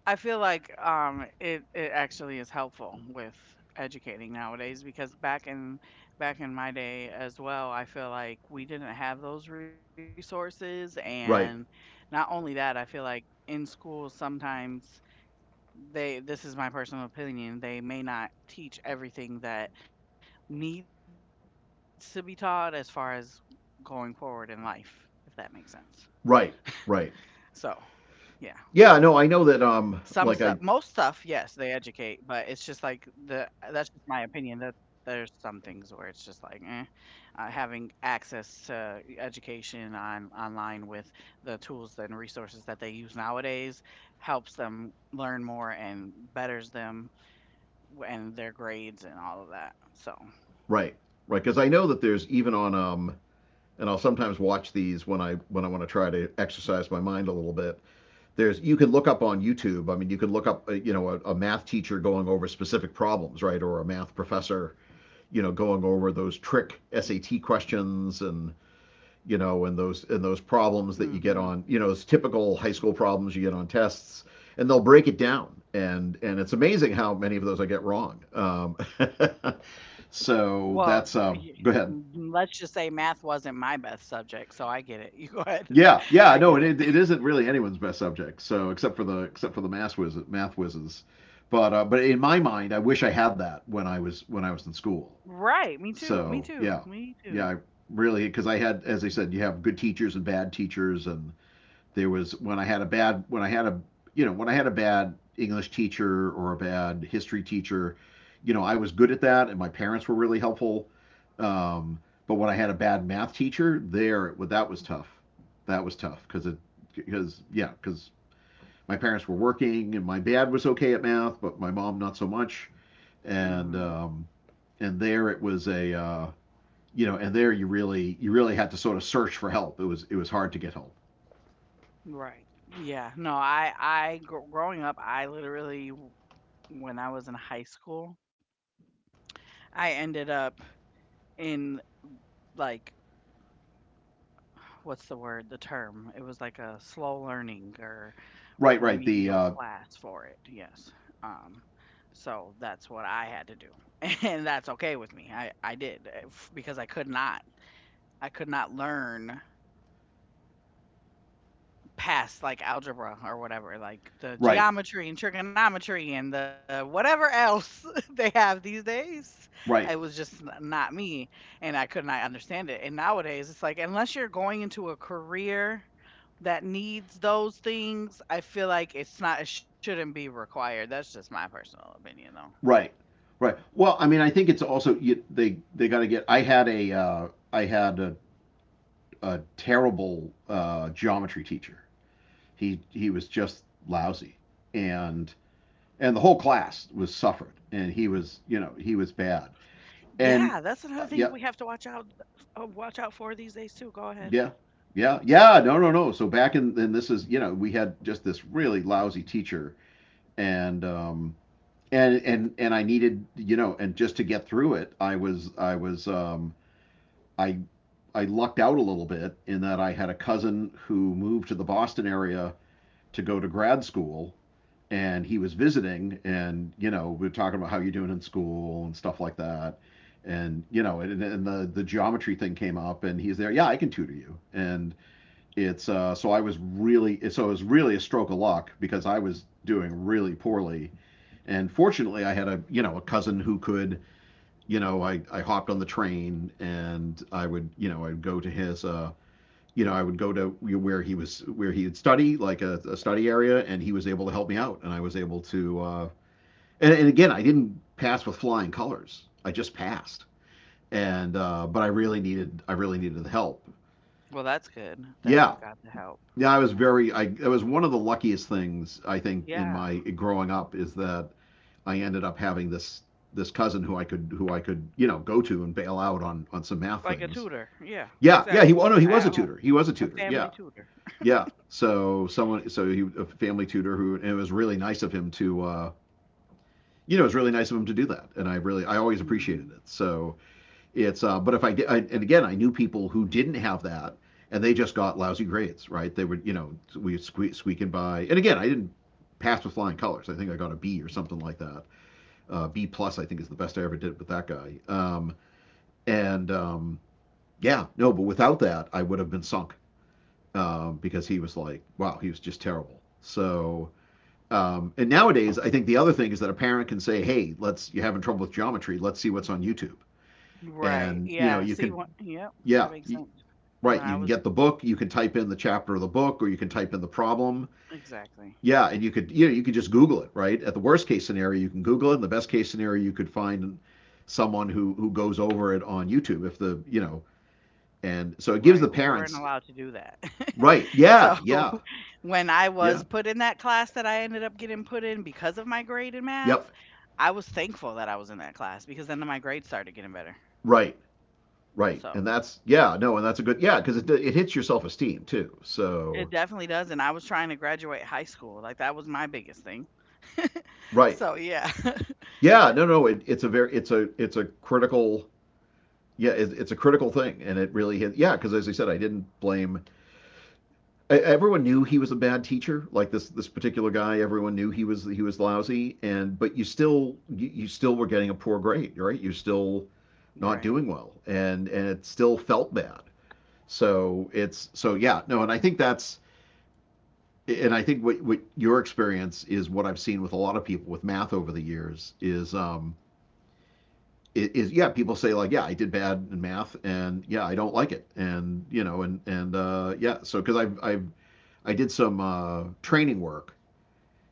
I feel like um it it actually is helpful with educating nowadays because back in back in my day as well, I feel like we didn't have those resources and Right, not only that, I feel like in schools sometimes they this is my personal opinion, they may not teach everything that needs to be taught as far as going forward in life, if that makes sense. So, right, yeah. right. Some stuff Yeah, no, most I know stuff, that. yes, Um, they like I educate, but it's just like the uh, that's just my opinion that there's some things where it's just like, eh, uh, having access to e, education on online with the tools and resources that they use nowadays helps them learn more and betters them w- and their grades and all of that. So, right, right, because I know that there's even on um, and I'll sometimes watch these when I when I want to try to exercise my mind a little bit. There's, you can look up on YouTube. I mean, you can look up uh, you know, a, a math teacher going over specific problems, right, or a math professor, you know, going over those trick S A T questions, and you know, and those, and those problems hmm that you get on, you know, those typical high school problems you get on tests, and they'll break it down, and and it's amazing how many of those I get wrong. Um, so well, that's y- um, go ahead. let's just say math wasn't my best subject, so I get it. You go ahead. I Yeah, get yeah, it. no, it, it isn't really anyone's best subject. So except for the except for the math whiz math whizzes, but uh, but in my mind, I wish I had that when I was when I was in school. Right. Me too. Me So too. yeah, Me too. yeah, I really, because I had, as I said, you have good teachers and bad teachers, and there was when I had a bad, when I had a, you know, when I had a bad English teacher or a bad history teacher, you know, I was good at that, and my parents were really helpful. Um, but when I had a bad math teacher, there, well, that was tough. That was tough because it, because yeah, because my parents were working, and my dad was okay at math, but my mom not so much, and Mhm. um, and there it was a uh, you know, and there you really, you really had to sort of search for help. It was, it was hard to get help. Right. Yeah. No, I I gr- growing up, I literally w- when I was in high school, I ended up in like what's the word, the term? It was like a slow learning or Right, right, the remedial uh, class for it. Yes. Um, so that's what I had to do. And that's okay with me. I I did eh, f- because I could not I could not learn past like algebra or whatever, like the right, geometry and trigonometry and the whatever else they have these days. right. It was just n- not me, and I could not understand it. And nowadays, it's like unless you're going into a career that needs those things, I feel like it's not it shouldn't be required. That's just my personal opinion, though. Right, right. Well, I mean, I think it's also you, they they got to get. I had a uh, I had a, a terrible uh, geometry teacher. He he was just lousy, and and the whole class was suffered, and he was, you know, he was bad, Yeah, and that's another thing uh, we yeah, have to watch out uh, watch out for these days too. Go ahead. yeah, yeah, yeah, no, no, no. So back in then, this is, you know, we had just this really lousy teacher, and um, and and and I needed, you know, and just to get through it, I was, I was um. I I lucked out a little bit in that I had a cousin who moved to the Boston area to go to grad school, and he was visiting, and you know, we were talking about how you're doing in school and stuff like that, and you know, and, and the the geometry thing came up, and he's there, yeah, I can tutor you, and it's uh, so I was really, so it was really a stroke of luck because I was doing really poorly, and fortunately I had a, you know, a cousin who could, you know, i, I hopped on the train, and I would, you know, I'd go to his uh, you know, I would go to where he was, where he would study, like a, a study area, and he was able to help me out, and I was able to. Uh, and, and again, I didn't pass with flying colors. I just passed, and uh, but I really needed, I really needed the help. Well, that's good that Yeah, you got the help yeah, I was and very. I, everything. it was one of the luckiest things, I think, in Yeah. my growing up, is that I ended up having this, this cousin who I could, who I could, you know, go to and bail out on on some math Like a things. tutor. Yeah, Yeah, yeah, he, exactly. oh no, he was a At home, tutor. He was a a tutor. Yeah. family tutor. Yeah. So someone, so he a family tutor who, and it was really nice of him to, uh, you know, it was really nice of him to do that, and I really, I always appreciated Hmm. it. So it's, uh, but if I did, I, and again, I knew people who didn't have that, and they just got lousy grades, right? They would, you know, we squeak, squeaking by, and again, I didn't pass with flying colors. I think I got a B or something like that. Uh, B plus, I think, is the best I ever did with that guy. Um, and um, yeah, no, but without that, I would have been sunk, um, because he was like, wow, he was just terrible. So um, and nowadays, I think the other thing is that a parent can say, "Hey, let's, you're having trouble with geometry. Let's see what's on YouTube." Right. And you know, Yeah. you See can, what? Yep. That yeah, makes sense. right. When I You can was get the book. You can type in the chapter of the book, or you can type in the problem. exactly Yeah, and you could, you know, you could just Google it. Right. At the worst case scenario, you can Google it. In the best case scenario, you could find someone who who goes over it on YouTube. If the you know, And so it gives the right, we weren't parents, allowed to do that. right? So, Yeah, yeah, when I was yeah, put in that class that I ended up getting put in because of my grade in math, yep, I was thankful that I was in that class because then my grades started getting better. right. Right, So and that's yeah, no, and that's a good yeah because it it hits your self esteem too. it So definitely does. And I was trying to graduate high school. Like that was my biggest thing. right, So yeah. yeah, It- no, no, it, it's a very it's a it's a critical yeah it, it's a critical thing, and it really hit yeah because as I said, I didn't blame I, everyone knew he was a bad teacher like this this particular guy. Everyone knew he was he was lousy, and but you still you, you still were getting a poor grade, right? You're still Right. not doing well, and and it still felt bad. So it's so yeah no, and I think that's and I think what what your experience is what I've seen with a lot of people with math over the years is um is yeah people say like yeah I did bad in math and yeah I don't like it and you know and and uh, yeah so because I've I've I did some uh, training work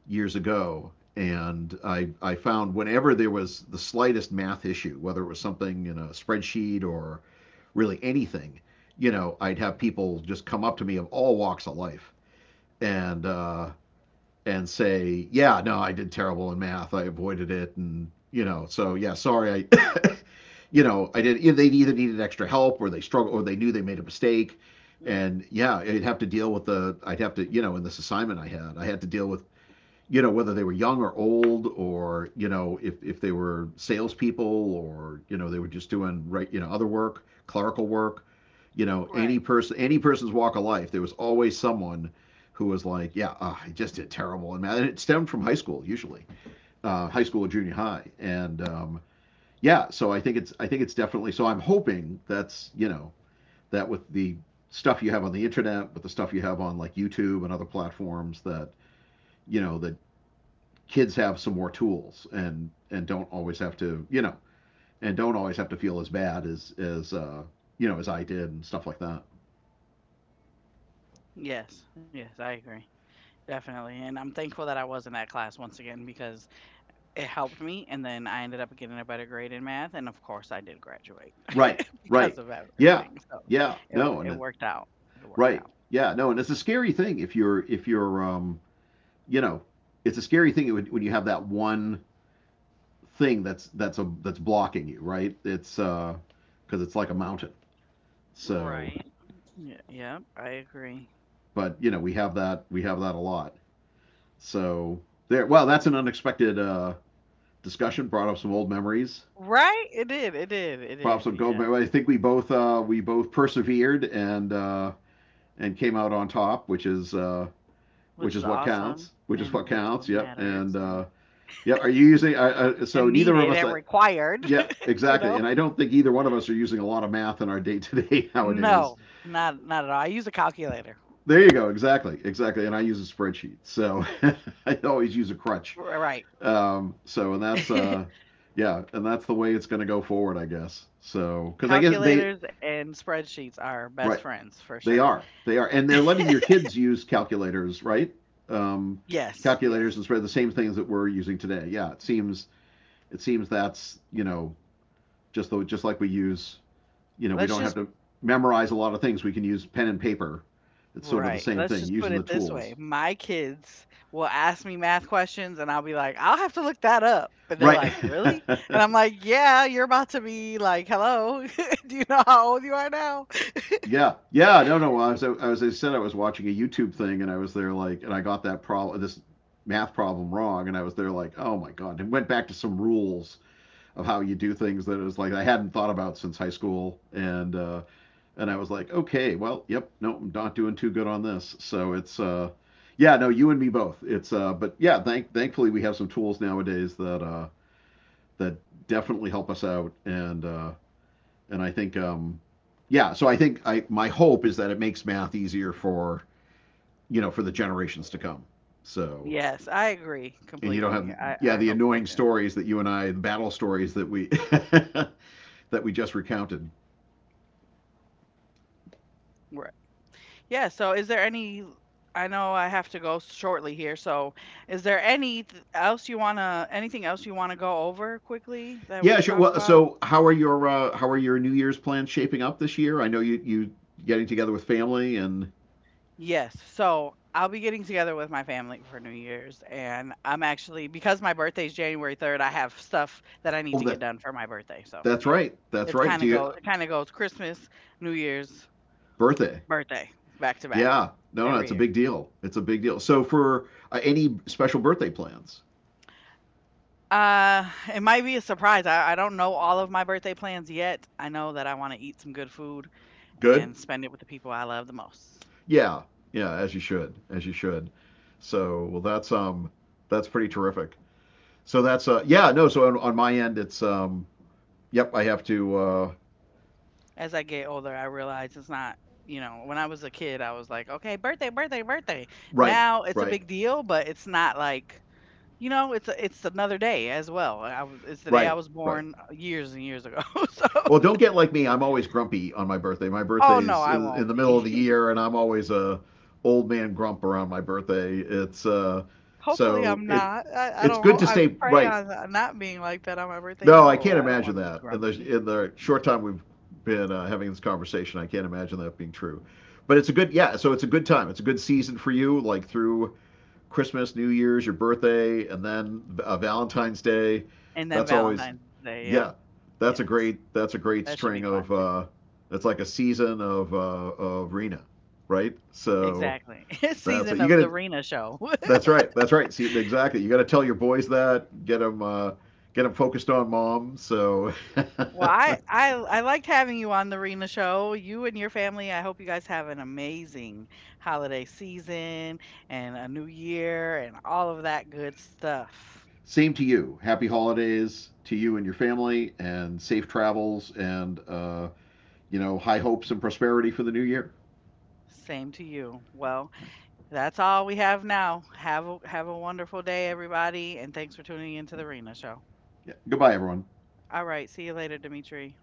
years ago and I I found whenever there was the slightest math issue, whether it was something in a spreadsheet or really anything, you know, I'd have people just come up to me of all walks of life and uh, and say, yeah, no, I did terrible in math. I avoided it, and you know, so yeah, sorry, I, you know, I did. They either needed extra help, or they struggled, or they knew they made a mistake, Mhm. and yeah, I'd have to deal with the. I'd have to, you know, in this assignment I had, I had to deal with, you know, whether they were young or old, or you know, if if they were salespeople, or you know, they were just doing right, you know, other work, clerical work, you know, Right. any person, any person's walk of life, there was always someone who was like, yeah, uh, I just did terrible in math, and it stemmed from high school usually, uh, high school or junior high, and um, yeah, so I think it's I think it's definitely so. I'm hoping that's, you know, that with the stuff you have on the internet, with the stuff you have on like YouTube and other platforms that you know that kids have some more tools and and don't always have to you know and don't always have to feel as bad as as uh, you know, as I did and stuff like that. Yes, yes, I agree. Definitely. And I'm thankful that I was in that class once again because it helped me. And then I ended up getting a better grade in math. And of course, I did graduate Right, because right, of ev- yeah, everything. So yeah, no, it, it and it, worked out. It worked right, out. yeah, no, and it's a scary thing if you're if you're um you know, it's a scary thing when, when you have that one thing that's that's a that's blocking you, right? it's uh Because it's like a mountain. So Right. Yeah, yep, I agree. but you know we have that we have that a lot. So there, well, that's an unexpected uh discussion. Brought up some old memories, Right? It did. It did. It brought up did. some Yeah. go. I think we both uh, we both persevered and uh, and came out on top, which is uh, Which which is is what awesome counts, which is and what which counts. one Yep, matters and and uh, yep. Are you using? Uh, uh, so and neither of needed us. and Uh, required, yeah, you exactly. know. And I don't think either one of us are using a lot of math in our day to day nowadays. No, not not at all. I use a calculator. There you go. Exactly. Exactly. And I use a spreadsheet. So I always use a R crutch. right. Um, so, and that's, uh, yeah, and that's the way it's going to go forward, I guess. So, because I guess they, Calculators and spreadsheets are best right. friends for They sure. are. They are, and they're letting your kids use calculators, right? Um, Yes, Calculators yes. and spread the same things that we're using today. Yeah, it seems it seems that's you know just the, just like we use you know we Let's don't have just to memorize a lot of things. We can use pen and paper. It's sort of the right. same Let's thing just put using the it this way. tools, My kids will ask me math questions and I'll be like, "I'll have to look that up." But they're right? like, "Really?" And I'm like, "Yeah, you're about to be like, hello. Do you know how old you are now?" yeah, yeah. No, no. I was I was I said I was watching a YouTube thing and I was there like and I got that problem this math problem wrong and I was there like, oh my god, and went back to some rules of how you do things that is like I hadn't thought about since high school, and uh, and I was like, okay, well, yep, no, I'm not doing too good on this. So it's uh, yeah, no, you and me both. It's uh, but yeah, thank thankfully we have some tools nowadays that uh, that definitely help us out, and uh, and I think um, yeah, so I think I my hope is that it makes math easier for you know for the generations to come. So Yes, I agree and you don't have completely. I yeah I the hope so annoying too. stories that you and I the battle stories that we that we just recounted. Yeah, so is there any I know I have to go shortly here, so is there any th- else you wanna anything else you wanna go over quickly that we Yeah, can sure. talk Well, about? so how are your uh, how are your New Year's plans shaping up this year? I know you you getting together with family and Yes. So I'll be getting together with my family for New Year's and I'm actually because my birthday's January third, I have stuff that I need oh to get that done for my birthday. So, that's yeah. right that's It's right. kind Do of you go it kind of goes Christmas, New Year's, birthday? birthday, back to back Yeah, no, no, it's a every big year. deal. It's a big deal. So for uh, any special birthday plans? Uh, it might be a surprise. I, I don't know all of my birthday plans yet. I know that I want to eat some good food Good. and spend it with the people I love the most. Yeah, yeah, as you should, as you should. So well, that's um that's pretty terrific. So that's uh yeah no. So on, on my end, it's um yep I have to uh As I get older, I realize it's not, you know, when I was a kid, I was like, okay, birthday, birthday, birthday. right Now it's a right big deal, but it's not like, you know, it's a, it's another day as well. I was it's the day I right was right. born uh, years and years ago. So, Well, don't get like me. I'm always grumpy on my birthday. My oh birthday no, is I in won't the middle be. of the year, and I'm always a old man grump around my birthday. It's uh, Hopefully, so I'm it not. I, I it's don't. good Ho- to I stay pray right. on uh, not being like that on my birthday. No, I No, can't I don't imagine want to be that. In grumpy. the in the Mm-mm. short time we've been uh, having this conversation, I can't imagine that being true. But it's a good yeah. So it's a good time. It's a good season for you, like through Christmas, New Year's, your birthday, and then uh, Valentine's Day. And then That's always Valentine's Day. Yep. yeah, that's a Yes, great that's a that great should be string fun of too. uh, that's like a season of uh, of Rena, right? So Exactly. It's that's a season You of got the to Rena show. that's right that's right. See exactly. You got to tell your boys that get them uh, get them focused on mom. So Well, I, I I liked having you on the Rena show. You and your family. I hope you guys have an amazing holiday season and a new year and all of that good stuff. same to you. Happy holidays to you and your family, and safe travels, and uh, you know high hopes and prosperity for the new year. Same to you. Well. That's all we have now. Have a, have a wonderful day, everybody, and thanks for tuning into the Rena Show. Yeah. Goodbye, everyone. All right, see you later, Dimitri.